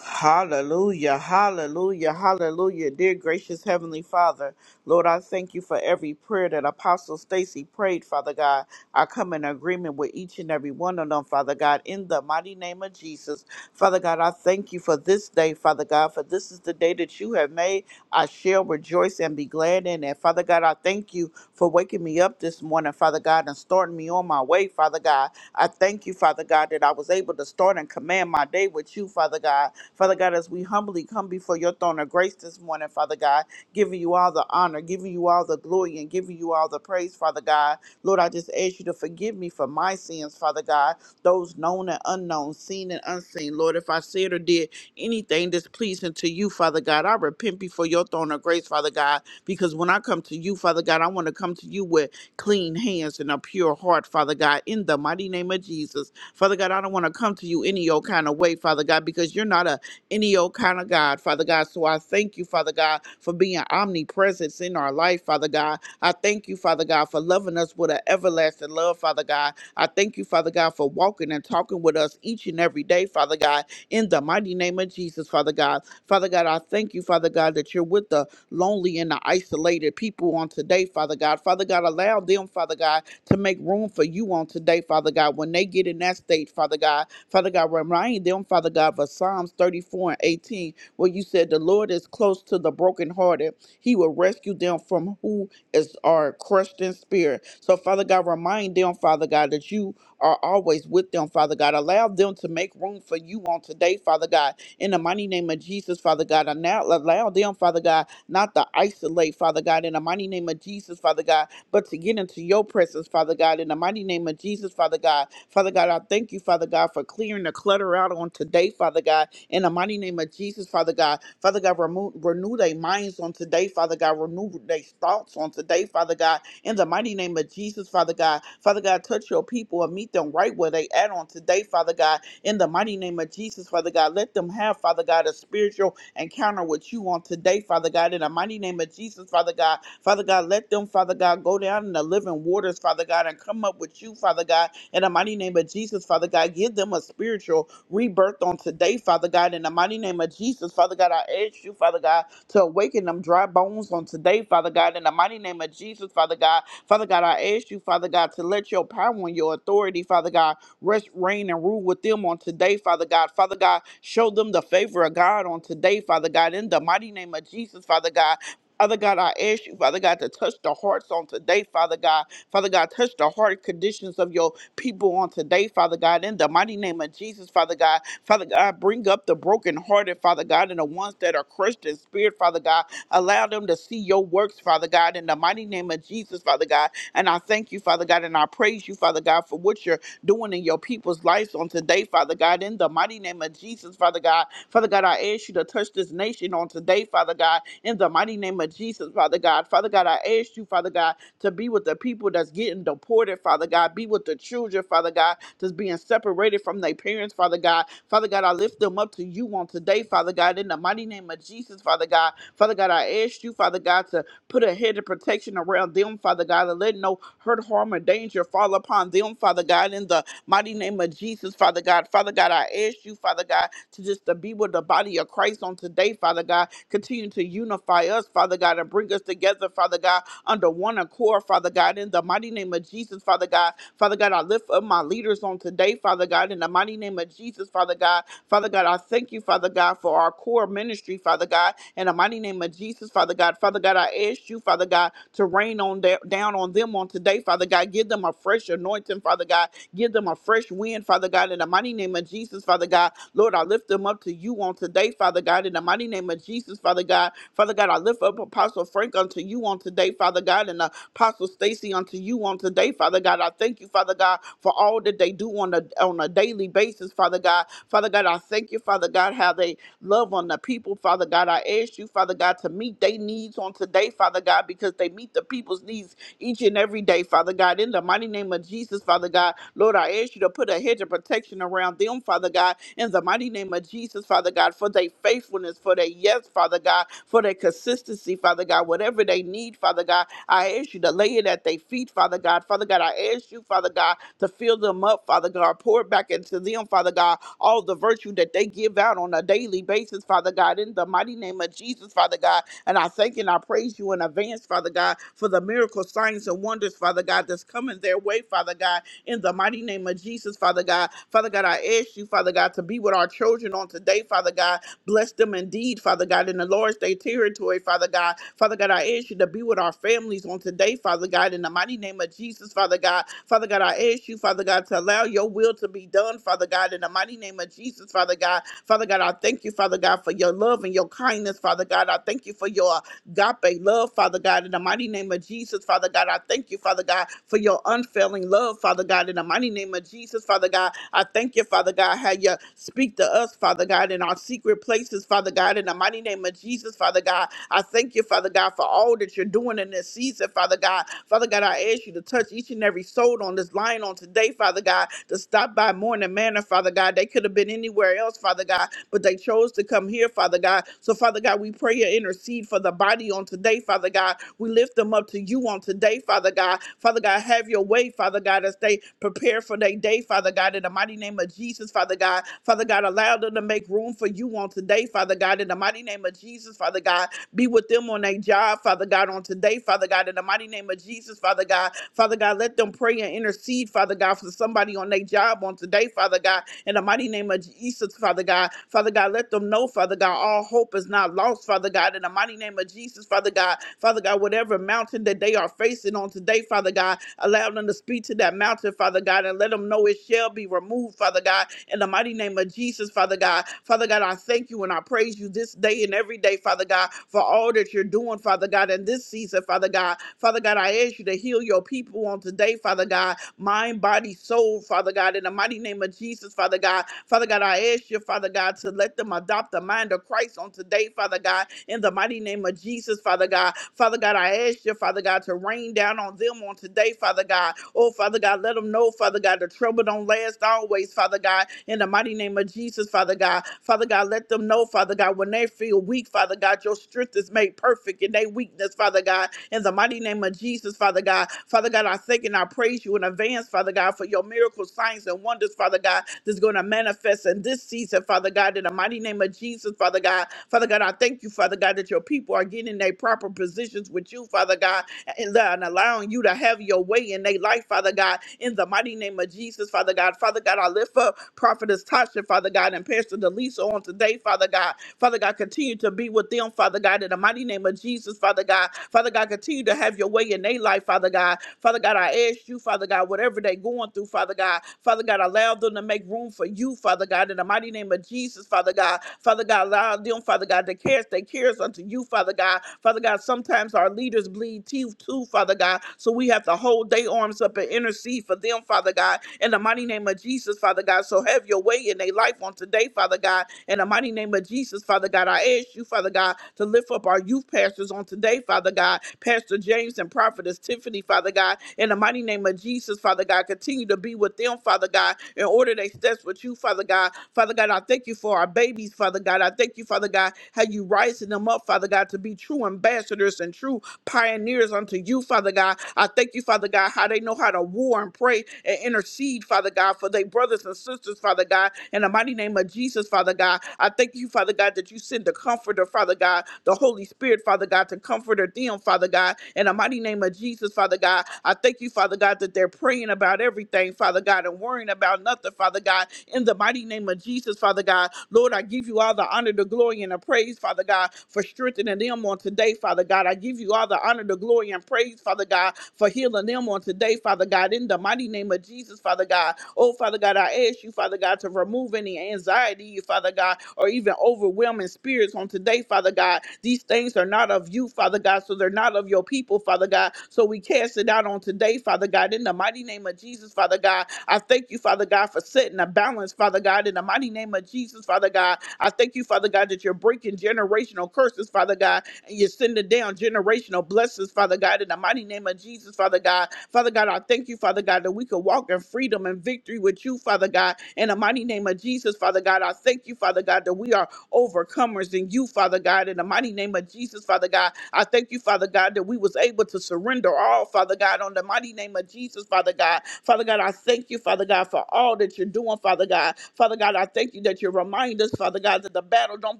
Hallelujah, hallelujah, hallelujah. Dear gracious Heavenly Father, Lord, I thank you for every prayer that Apostle Stacy prayed, Father God. I come in agreement with each and every one of them, Father God, in the mighty name of Jesus. Father God, I thank you for this day, Father God, for this is the day that you have made. I shall rejoice and be glad in it. Father God, I thank you for waking me up this morning, Father God, and starting me on my way, Father God. I thank you, Father God, that I was able to start and command my day with you, Father God. Father God, as we humbly come before your throne of grace this morning, Father God, giving you all the honor, giving you all the glory, and giving you all the praise, Father God. Lord, I just ask you to forgive me for my sins, Father God, those known and unknown, seen and unseen. Lord, if I said or did anything displeasing to you, Father God, I repent before your throne of grace, Father God, because when I come to you, Father God, I want to come to you with clean hands and a pure heart, Father God, in the mighty name of Jesus. Father God, I don't want to come to you any old kind of way, Father God, because you're not a any old kind of God, Father God. So I thank you, Father God, for being omnipresent in our life, Father God. I thank you, Father God, for loving us with an everlasting love, Father God. I thank you, Father God, for walking and talking with us each and every day, Father God, in the mighty name of Jesus, Father God. Father God, I thank you, Father God, that you're with the lonely and the isolated people on today, Father God. Father God, allow them, Father God, to make room for you on today, Father God, when they get in that state, Father God. Father God, remind them, Father God, for Psalms 34 and 18, where you said, The Lord is close to the brokenhearted. He will rescue them from who is are crushed in spirit. So, Father God, remind them, Father God, that you are always with them, Father God. Allow them to make room for you on today, Father God. In the mighty name of Jesus, Father God. And now allow them, Father God, not to isolate, Father God. In the mighty name of Jesus, Father God but to get into your presence, Father God, in the mighty name of Jesus, Father God. Father God, I thank you, Father God, for clearing the clutter out on today, Father God, in the mighty name of Jesus, Father God. Father God, remove, renew their minds on today, Father God. Renew their thoughts on today, Father God, in the mighty name of Jesus, Father God. Father God, touch your people and meet them right where they at on today, Father God, in the mighty name of Jesus, Father God. Let them have, Father God, a spiritual encounter with you on today, Father God, in the mighty name of Jesus, Father God. Father God, let them, Father God, go down in the living waters, Father God, and come up with you, Father God, in the mighty name of Jesus, Father God. Give them a spiritual rebirth on today, Father God, in the mighty name of Jesus, Father God. I ask you, Father God, to awaken them dry bones on today, Father God, in the mighty name of Jesus, Father God. Father God, I ask you, Father God, to let your power and your authority, Father God, rest, reign, and rule with them on today, Father God. Father God, show them the favor of God on today, Father God, in the mighty name of Jesus, Father God. Father God, I ask you, Father God, to touch the hearts on today, Father God. Father God, touch the heart conditions of your people on today, Father God. In the mighty name of Jesus, Father God. Father God, bring up the brokenhearted, Father God, and the ones that are crushed in spirit, Father God. Allow them to see your works, Father God. In the mighty name of Jesus, Father God. And I thank you, Father God, and I praise you, Father God, for what you're doing in your people's lives on today, Father God. In the mighty name of Jesus, Father God. Father God, I ask you to touch this nation on today, Father God. In the mighty name of Jesus, Father God. Father God, I ask you, Father God, to be with the people that's getting deported, Father God. Be with the children, Father God, that's being separated from their parents, Father God. Father God, I lift them up to you on today, Father God. In the mighty name of Jesus, Father God. Father God, I ask you, Father God, to Put a head of protection around them, Father God, and let no hurt, harm, or danger fall upon them, Father God, in the mighty name of Jesus, Father God. Father God, I ask you, Father God, to just to be with the body of Christ on today, Father God. Continue to unify us, Father God, and bring us together, Father God, under one accord, Father God, in the mighty name of Jesus, Father God. Father God, I lift up my leaders on today, Father God, in the mighty name of Jesus, Father God. Father God, I thank you, Father God, for our core ministry, Father God, in the mighty name of Jesus, Father God. Father God, I ask you, Father God, to rain on da- down on them on today, Father God. Give them a fresh anointing, Father God. Give them a fresh wind, Father God, in the mighty name of Jesus, Father God. Lord, I lift them up to you on today, Father God, in the mighty name of Jesus, Father God. Father God, I lift up Apostle Frank unto you on today, Father God, in the Apostle Stacy unto you on today, Father God. I thank you, Father God, for all that they do on a on a daily basis, Father God. Father God, I thank you, Father God, how they love on the people, Father God. I ask you, Father God, to meet their needs on today, Father God, because they meet the people's needs each and every day, Father God. In the mighty name of Jesus, Father God, Lord, I ask you to put a hedge of protection around them, Father God. In the mighty name of Jesus, Father God, for their faithfulness, for their yes, Father God, for their consistency, Father God, whatever they need, Father God. I ask you to lay it at their feet, Father God. Father God, I ask you, Father God, to fill them up, Father God. Pour it back into them, Father God, all the virtue that they give out on a daily basis, Father God, in the mighty name of Jesus, Father God. And I thank and I praise you in advance, Father God, for the miracle signs and wonders, Father God, that's coming their way, Father God, in the mighty name of Jesus, Father God. Father God, I ask you, Father God, to be with our children on today, Father God, Bless them indeed, Father God, in the Lord's Day territory, Father God. Father God, I ask you to be with our families on today, Father God, in the mighty name of Jesus, Father God. Father God, I ask you, Father God, to allow your will to be done, Father God, in the mighty name of Jesus, Father God. Father God, I thank you, Father God, for your love and your kindness, Father God. I thank you for your agape love, Father God, in the mighty name of Jesus, Father God. I thank you, Father God, for your unfailing love, Father God, in the mighty name of Jesus, Father God. I thank you, Father God, how you speak to us, Father God, in our secret places, Father God, in the mighty name of Jesus, Father God. I thank you, Father God, for all that you're doing in this season, Father God. Father God, I ask you to touch each and every soul on this line on today, Father God, to stop by Morning Manor, Father God. They could have been anywhere else, Father God, but they chose to come here, Father God. So, Father God, we pray you intercede for the body on today, Father God. We lift them up to you on today, Father God. Father God, have your way, Father God, as they prepare for their day, Father God, in the mighty name of Jesus, Father God. Father God, allow them to make room for you on today, Father God, in the mighty name of Jesus, Father God. Be with them on their job, Father God, on today, Father God, in the mighty name of Jesus, Father God. Father God, let them pray and intercede, Father God, for somebody on their job on today, Father God. In the mighty name of Jesus, Father God. Father God, let them know, Father God, all hope is not lost, Father God. In the mighty name of Jesus, Father God. Father God, whatever mountain that they are facing on today, Father God, allow them to speak to that mountain, Father God, and let them know it shall be removed, Father God. In the mighty name of Jesus, Father God. Father God, I thank you and I praise you this day and every day, Father God, for all that you're doing, Father God, in this season, Father God. Father God, I ask you to heal your people on today, Father God mind, body, soul, Father God, in the mighty name of Jesus, Father God. Father God, I ask you, Father God, to let them adopt the mind of Christ on today, Father God, in the mighty name of Jesus, Father God. Father God, I ask you, Father God, to rain down on them on today, Father God. Oh, Father God, let them know, Father God, the trouble don't last always, Father God, in the mighty name of Jesus, Father God. Father God, let them know, Father God, when they feel weak, Father God, your strength is made perfect in their weakness, Father God in the mighty name of Jesus, Father God. Father God, I thank and I praise you in advance, Father God, for your miracles, signs, and wonders, Father God, that's going to manifest in this season, Father God, in the mighty name of Jesus, Father God. Father God, I thank you, Father God, that your people are getting in their proper positions with you, Father God, and and allowing you to have your way in their life, Father God, in the mighty name of Jesus, Father God. Father God, I lift up Prophetess Tasha, Father God, and Pastor Delisa on today, Father God. Father God, continue to be with them, Father God, in the mighty name of Jesus, Father God. Father God, continue to have your way in their life, Father God. Father God, I ask you, Father God, whatever they're going through, Father God. Father God, allow them to make room for you, Father God, in the mighty name of Jesus, Father God. Father God, allow them, Father God, to cast their cares unto you, Father God. Father God, sometimes our leaders bleed teeth too, Father God. So we have to hold their arms up and intercede for them, Father God, in the mighty name of Jesus, Father God. So have your way in their life on today, Father God in the mighty name of Jesus, Father God, I ask you, Father God, to lift up our youth pastors on today, Father God, Pastor James and Prophetess Tiffany, Father God. In the mighty name of Jesus, Father God, continue to be with them, Father God, in order they steps with you, Father God. Father God, I thank you for our babies, Father God. I thank you, Father God, how you rising them up, Father God, to be true ambassadors and true pioneers unto you, Father God. I thank you, Father God, how they know how to war and pray and intercede, Father God, for their brothers and sisters, Father God, in the mighty name of Jesus, Father God. I thank you, Father God, that you send the comforter, Father God, the Holy Spirit, Father God, to comfort them, Father God, in the mighty mighty name of Jesus, Father God. I thank you, Father God, that they're praying about everything, Father God, and worrying about nothing, Father God. In the mighty name of Jesus, Father God. Lord, I give you all the honor, the glory, and the praise, Father God, for strengthening them on today, Father God. I give you all the honor, the glory, and praise, Father God, for healing them on today, Father God. In the mighty name of Jesus, Father God. Oh, Father God, I ask you, Father God, to remove any anxiety, Father God, or even overwhelming spirits on today, Father God. These things are not of you, Father God, so they're not of your people, Father God. So we cast it out on today, Father God, in the mighty name of Jesus, Father God. I thank you, Father God, for setting a balance, Father God, in the mighty name of Jesus, Father God. I thank you, Father God, that you're breaking generational curses, Father God, and you're sending down generational blessings, Father God, in the mighty name of Jesus, Father God. Father God, I thank you, Father God, that we can walk in freedom and victory with you, Father God. In the mighty name of Jesus, Father God, I thank you, Father God, that we are overcomers in you, Father God. In the mighty name of Jesus, Father God, I thank you, Father God, that we was able to surrender all, Father God, on the mighty name of Jesus, Father God. Father God, I thank you, Father God, for all that you're doing, Father God. Father God, I thank you that you remind us, Father God, that the battle don't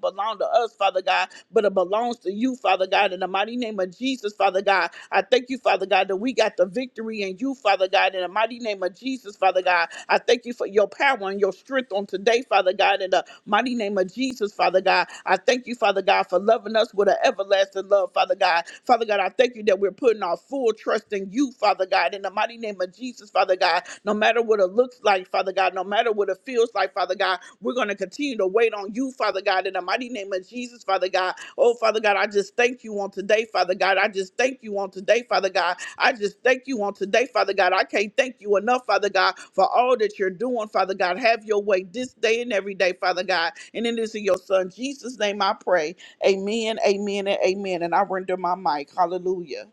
belong to us, Father God, but it belongs to you, Father God. In the mighty name of Jesus, Father God, I thank you, Father God, that we got the victory in you, Father God, in the mighty name of Jesus, Father God. I thank you for your power and your strength on today, Father God, in the mighty name of Jesus, Father God. I thank you, Father God, for loving us with an everlasting love, Father God. Father God, I thank you that we're putting our full trust in you, Father God, in the mighty name of Jesus, Father God. No matter what it looks like, Father God, no matter what it feels like, Father God, we're going to continue to wait on you, Father God, in the mighty name of Jesus, Father God. Oh, Father God, I just thank you on today, Father God. I just thank you on today, Father God. I just thank you on today, Father God. I can't thank you enough, Father God, for all that you're doing, Father God. Have your way this day and every day, Father God. And it is in your Son, Jesus' name, I pray. Amen, amen, and amen. And I render my mic. Hallelujah.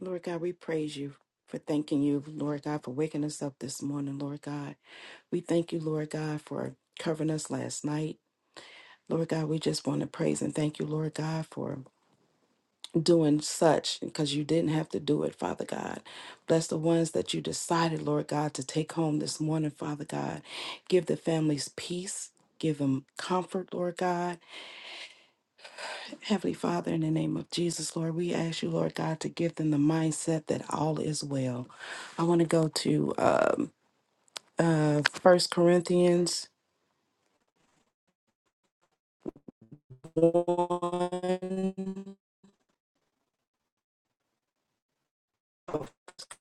Lord God, we praise you for thanking you, Lord God, for waking us up this morning, Lord God. We thank you, Lord God, for covering us last night. Lord God, we just want to praise and thank you, Lord God, for doing such because you didn't have to do it, Father God. Bless the ones that you decided, Lord God, to take home this morning, Father God. Give the families peace. Give them comfort, Lord God. Heavenly Father, in the name of Jesus, Lord, we ask you, Lord God, to give them the mindset that all is well. I want to go to um, uh, 1 Corinthians 1.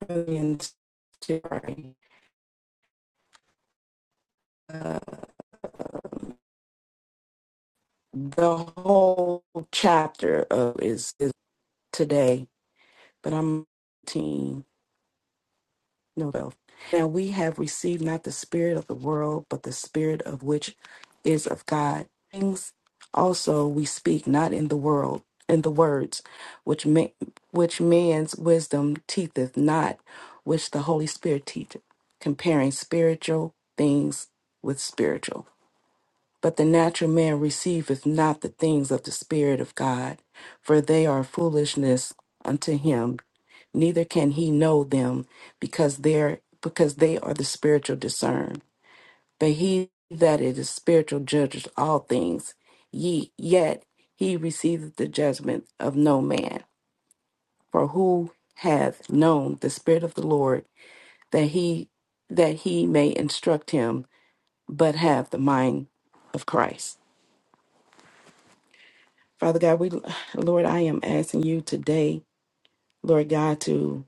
Corinthians 2, sorry. Uh, the whole chapter of is, is today, but I'm 18. No, though. Now we have received not the spirit of the world, but the spirit of which is of God. Things also we speak not in the world, in the words which ma- which man's wisdom teacheth not, which the Holy Spirit teacheth, comparing spiritual things with spiritual. But the natural man receiveth not the things of the Spirit of God, for they are foolishness unto him, neither can he know them, because they are because they are the spiritual discern. But he that is spiritual judges all things, ye yet he receiveth the judgment of no man. For who hath known the Spirit of the Lord that he that he may instruct him, but have the mind of Christ? Father God, we Lord, I am asking you today, Lord God, to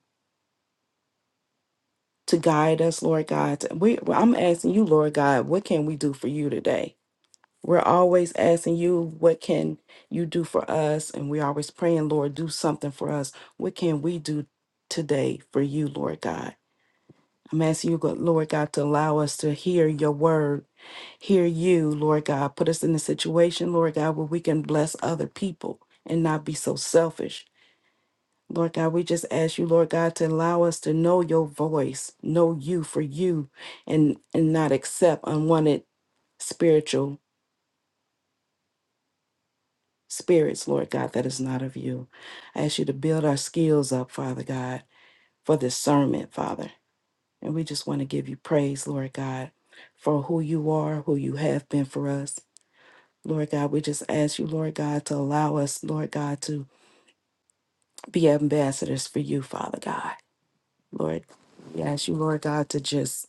to guide us, Lord God. We I'm asking you, Lord God, what can we do for you today? We're always asking you, what can you do for us? And we're always praying, Lord, do something for us. What can we do today for you, Lord God? I'm asking you, God- Lord God, to allow us to hear your word, hear you, Lord God. Put us in a situation, Lord God, where we can bless other people and not be so selfish Lord God, we just ask you, Lord God, to allow us to know your voice, know you for you, and and not accept unwanted spiritual spirits, Lord God, that is not of you. I ask you to build our skills up, Father God, for discernment, Father. And we just want to give you praise, Lord God, for who you are, who you have been for us. Lord God, we just ask you, Lord God, to allow us, Lord God, to be ambassadors for you, Father God. Lord, we ask you, Lord God, to just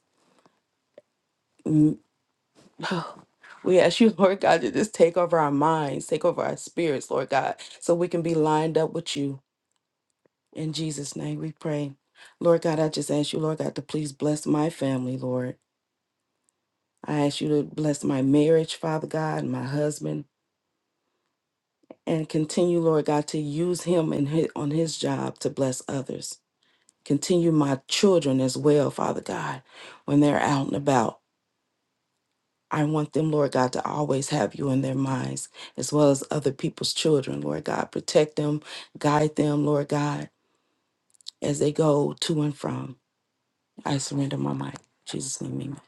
Oh, We ask you, Lord God, to just take over our minds, take over our spirits, Lord God, so we can be lined up with you. In Jesus' name we pray. Lord God, I just ask you, Lord God, to please bless my family, Lord. I ask you to bless my marriage, Father God, and my husband, and continue, Lord God, to use him and his, on his job to bless others. Continue my children as well, Father God, when they're out and about. I want them, Lord God, to always have you in their minds, as well as other people's children, Lord God. Protect them, guide them, Lord God, as they go to and from. I surrender my mind. In Jesus' name, amen.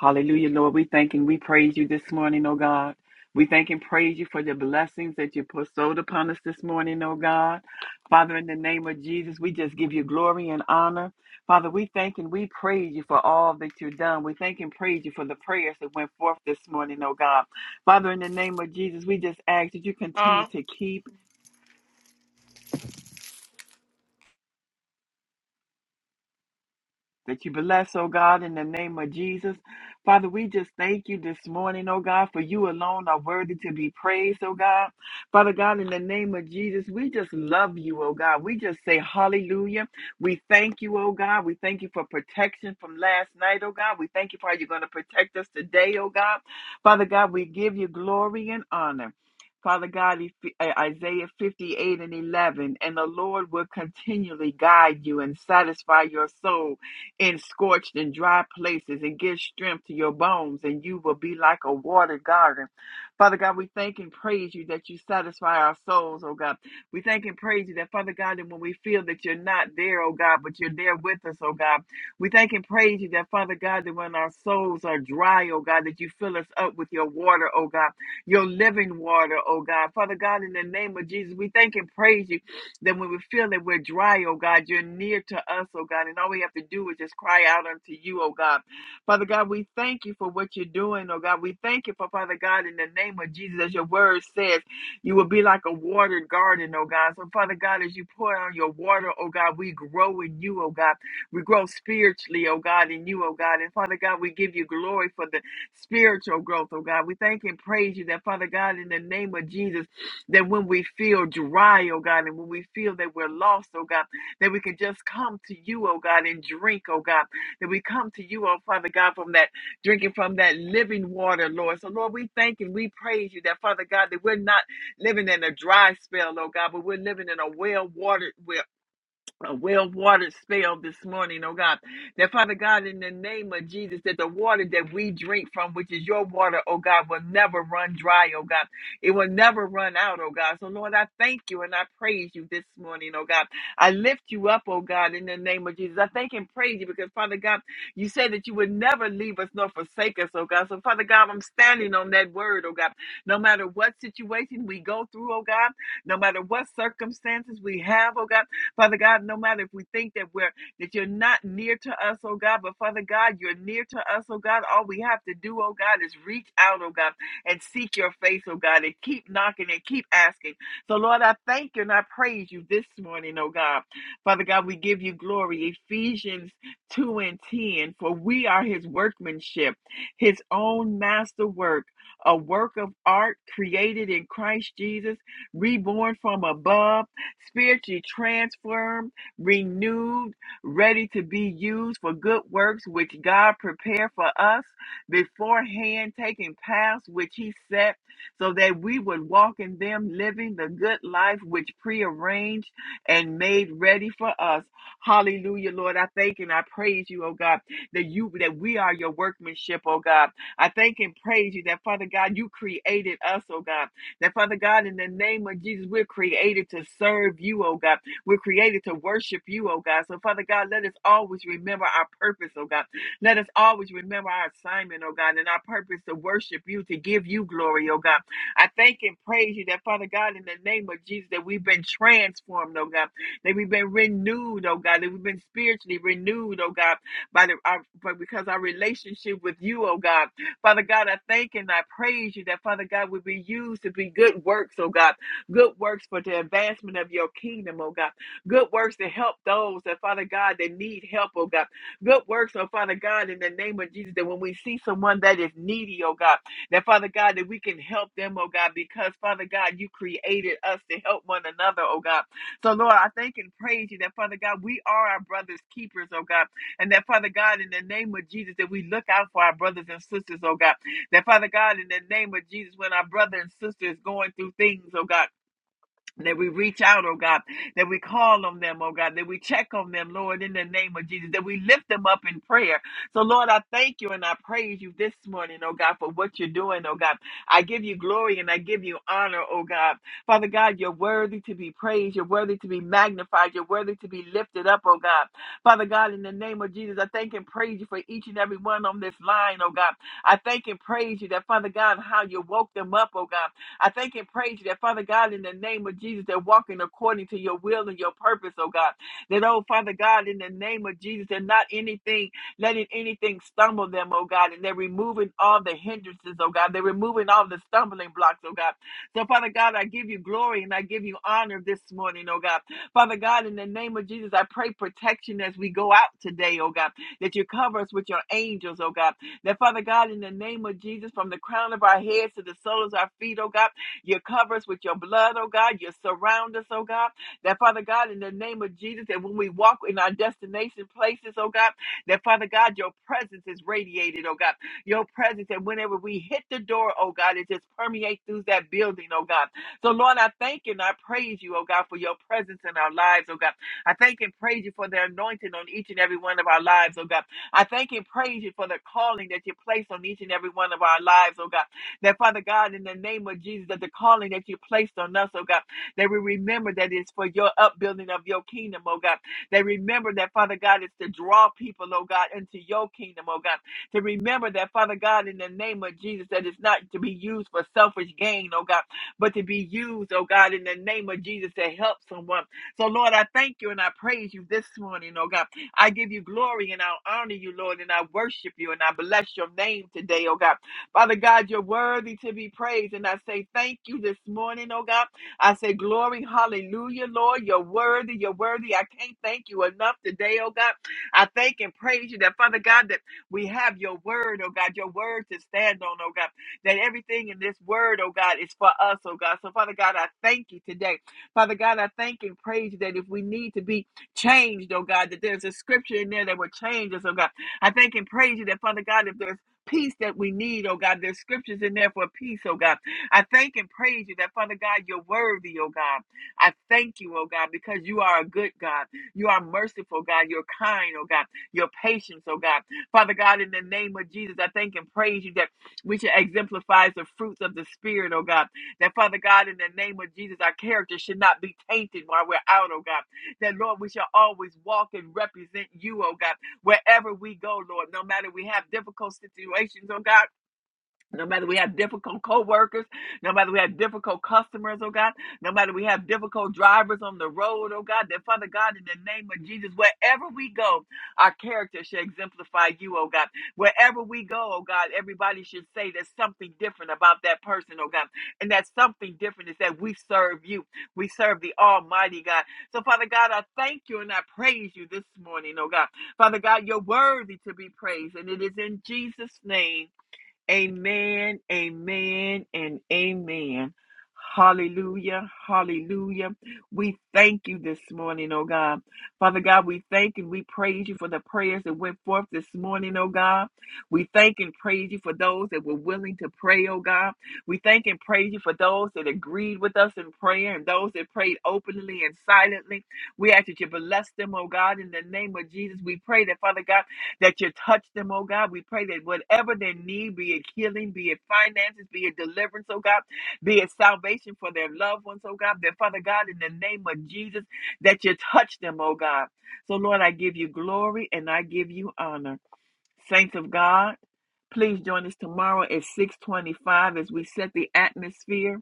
Hallelujah, Lord. We thank and we praise you this morning, oh God. We thank and praise you for the blessings that you bestowed upon us this morning, oh God. Father, in the name of Jesus, we just give you glory and honor. Father, we thank and we praise you for all that you've done. We thank and praise you for the prayers that went forth this morning, oh God. Father, in the name of Jesus, we just ask that you continue to keep that you bless, oh God, in the name of Jesus. Father, we just thank you this morning, oh God, for you alone are worthy to be praised, oh God. Father God, in the name of Jesus, we just love you, oh God. We just say hallelujah. We thank you, oh God. We thank you for protection from last night, oh God. We thank you for how you're going to protect us today, oh God. Father God, we give you glory and honor. Father God, if- uh, Isaiah 58 and 11, and the Lord will continually guide you and satisfy your soul in scorched and dry places and give strength to your bones, and you will be like a watered garden. Father God, we thank and praise you that you satisfy our souls, oh God. We thank and praise you that, Father God, that when we feel that you're not there, oh God, but you're there with us, oh God. We thank and praise you that, Father God, that when our souls are dry, oh God, that you fill us up with your water, oh God, your living water, oh God. Father God, in the name of Jesus, we thank and praise you then when we feel that we're dry, oh God, you're near to us, oh God, and all we have to do is just cry out unto you, oh God. Father God, we thank you for what you're doing, oh God. We thank you for Father God in the name of Jesus, as your word says, you will be like a watered garden, oh God. So Father God, as you pour on your water, oh God, we grow in you, oh God. We grow spiritually, oh God, in you, oh God. And Father God, we give you glory for the spiritual growth, oh God. We thank and praise you that, Father God, in the name of Jesus. That when we feel dry, oh God, and when we feel that we're lost, oh God, that we can just come to you, oh God, and drink, oh God, that we come to you, oh Father God, from that drinking from that living water, Lord. So, Lord, we thank and we praise you that, Father God, that we're not living in a dry spell, oh God, but we're living in a well watered well a well watered spell this morning, oh God. That Father God, in the name of Jesus, that the water that we drink from, which is your water, oh God, will never run dry, oh God. It will never run out, oh God. So, Lord, I thank you and I praise you this morning, oh God. I lift you up, oh God, in the name of Jesus. I thank and praise you because, Father God, you said that you would never leave us nor forsake us, oh God. So, Father God, I'm standing on that word, oh God. No matter what situation we go through, oh God, no matter what circumstances we have, oh God. Father God, no matter if we think that we're that you're not near to us, oh God, but Father God, you're near to us, oh God. All we have to do, oh God, is reach out, oh God, and seek your face, oh God, and keep knocking and keep asking. So Lord, I thank you and I praise you this morning, oh God. Father God, we give you glory. Ephesians 2 and 10, for we are his workmanship, his own masterwork, a work of art created in Christ Jesus, reborn from above spiritually transformed, renewed, ready to be used for good works which God prepared for us beforehand, taking paths which He set so that we would walk in them, living the good life which prearranged and made ready for us. Hallelujah, Lord. I thank and I praise you, oh God, that you that we are your workmanship, oh God. I thank and praise you that Father God, you created us, oh God. That Father God, in the name of Jesus, we're created to serve you, oh God. We're created to worship you, oh God. So Father God, let us always remember our purpose, oh God. Let us always remember our assignment, oh God, and our purpose to worship you, to give you glory, oh God. I thank and praise you that, Father God, in the name of Jesus, that we've been transformed, oh God, that we've been renewed, oh God, that we've been spiritually renewed, oh God, by the our, by, because our relationship with you, oh God. Father God, I thank and I praise you that, Father God, would be used to be good works, oh God. Good works for the advancement of your kingdom, oh God. Good works to help those that, Father God, that need help, oh God. Good works, oh Father God, in the name of Jesus, that when we see someone that is needy, oh God, that, Father God, that we can help them, oh God, because, Father God, you created us to help one another, oh God. So, Lord, I thank and praise you that, Father God, we are our brother's keepers, oh God. And that, Father God, in the name of Jesus, that we look out for our brothers and sisters, oh God. That, Father God, in the name of Jesus, when our brother and sister is going through things, oh God. That we reach out, oh God, that we call on them, oh God, that we check on them, Lord, in the name of Jesus, that we lift them up in prayer. So, Lord, I thank you and I praise you this morning, oh God, for what you're doing, oh God. I give you glory and I give you honor, oh God. Father God, you're worthy to be praised, you're worthy to be magnified, you're worthy to be lifted up, oh God. Father God, in the name of Jesus, I thank and praise you for each and every one on this line, oh God. I thank and praise you that, Father God, how you woke them up, oh God. I thank and praise you that, Father God, in the name of Jesus, they're walking according to your will and your purpose, oh God. That, oh, Father God, in the name of Jesus, they're not anything, letting anything stumble them, oh God. And they're removing all the hindrances, oh God. They're removing all the stumbling blocks, oh God. So, Father God, I give you glory and I give you honor this morning, oh God. Father God, in the name of Jesus, I pray protection as we go out today, oh God, that you cover us with your angels, oh God. That, Father God, in the name of Jesus, from the crown of our heads to the soles of our feet, oh God you cover us with your blood, oh God. You surround us, oh God. That, Father God, in the name of Jesus, that when we walk in our destination places, oh God, that, Father God, your presence is radiated, oh God. Your presence, and whenever we hit the door, oh God, it just permeates through that building, oh God. So, Lord, I thank and I praise you, oh God, for your presence in our lives, oh God. I thank and praise you for the anointing on each and every one of our lives, oh God. I thank and praise you for the calling that you place on each and every one of our lives, oh God. That Father God, in the name of Jesus, that the calling that you placed on us, oh God, that we remember that it's for your upbuilding of your kingdom, oh God. That remember that Father God is to draw people, oh God, into your kingdom, oh God. To remember that Father God, in the name of Jesus, that it's not to be used for selfish gain, oh God, but to be used, oh God, in the name of Jesus to help someone. So Lord, I thank you and I praise you this morning, oh God. I give you glory and I honor you, Lord, and I worship you and I bless your name today, oh God. Father God, you're worthy to be praised. And I say thank you this morning, oh God. I say glory, hallelujah, Lord. You're worthy, you're worthy. I can't thank you enough today, oh God. I thank and praise you that, Father God, that we have your word, oh God, your word to stand on, oh God. That everything in this word, oh God, is for us, oh God. So, Father God, I thank you today. Father God, I thank and praise you that if we need to be changed, oh God, that there's a scripture in there that will change us, oh God. I thank and praise you that, Father God, if there's peace that we need, oh God. There's scriptures in there for peace, oh God. I thank and praise you that, Father God, you're worthy, oh God. I thank you, oh God, because you are a good God. You are merciful, God. You're kind, oh God. You're patient, oh God. Father God, in the name of Jesus, I thank and praise you that we should exemplify the fruits of the Spirit, oh God. That, Father God, in the name of Jesus, our character should not be tainted while we're out, oh God. That, Lord, we shall always walk and represent you, oh God wherever we go, Lord. No matter we have difficult situations, oh God, no matter we have difficult co-workers, no matter we have difficult customers, oh God, no matter we have difficult drivers on the road, oh God, that Father God, in the name of Jesus, wherever we go, our character should exemplify you, oh God. Wherever we go, oh God, everybody should say there's something different about that person, oh God. And that something different is that we serve you. We serve the Almighty God. So, Father God, I thank you and I praise you this morning, oh God. Father God, you're worthy to be praised. And it is in Jesus' name. Amen, amen, and amen. Hallelujah, hallelujah. We thank you this morning, oh God. Father God, we thank and we praise you for the prayers that went forth this morning, oh God. We thank and praise you for those that were willing to pray, oh God. We thank and praise you for those that agreed with us in prayer and those that prayed openly and silently. We ask that you bless them, oh God, in the name of Jesus. We pray that, Father God, that you touch them, oh God. We pray that whatever they need, be it healing, be it finances, be it deliverance, oh God, be it salvation for their loved ones, oh God, that Father God, in the name of Jesus, that you touch them, oh God. So, Lord, I give you glory and I give you honor. Saints of God, please join us tomorrow at 625 as we set the atmosphere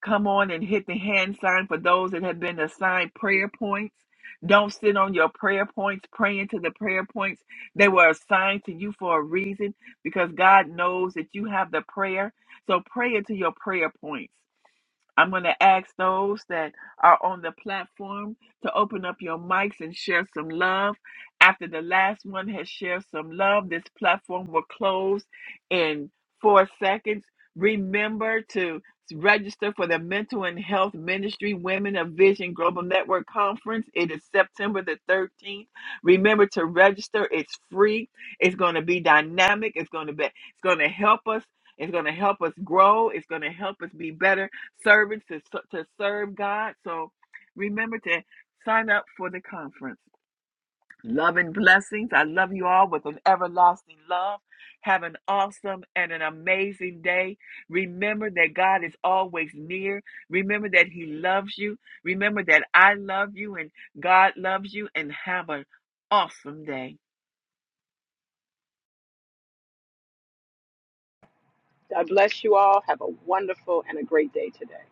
Come on and hit the hand sign for those that have been assigned prayer points. Don't sit on your prayer points praying to the prayer points. They were assigned to you for a reason because God knows that you have the prayer. So pray into your prayer points. I'm going to ask those that are on the platform to open up your mics and share some love. After the last one has shared some love, this platform will close in four seconds. Remember to register for the Mental and Health Ministry Women of Vision Global Network Conference. It is September the 13th. Remember to register. It's free. It's going to be dynamic. It's going to be it's going to help us. It's going to help us grow. It's going to help us be better servants to, to serve God. So remember to sign up for the conference. Love and blessings. I love you all with an everlasting love. Have an awesome and an amazing day. Remember that God is always near. Remember that He loves you. Remember that I love you and God loves you. And have an awesome day.
God bless you all. Have a wonderful and a great day today.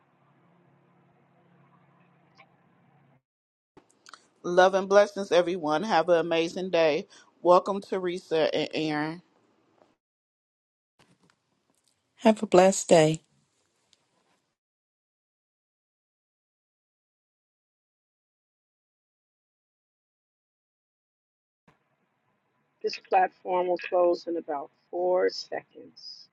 Love and blessings, everyone. Have an amazing day. Welcome, Teresa and Aaron.
Have a blessed day.
This platform will close in about four seconds.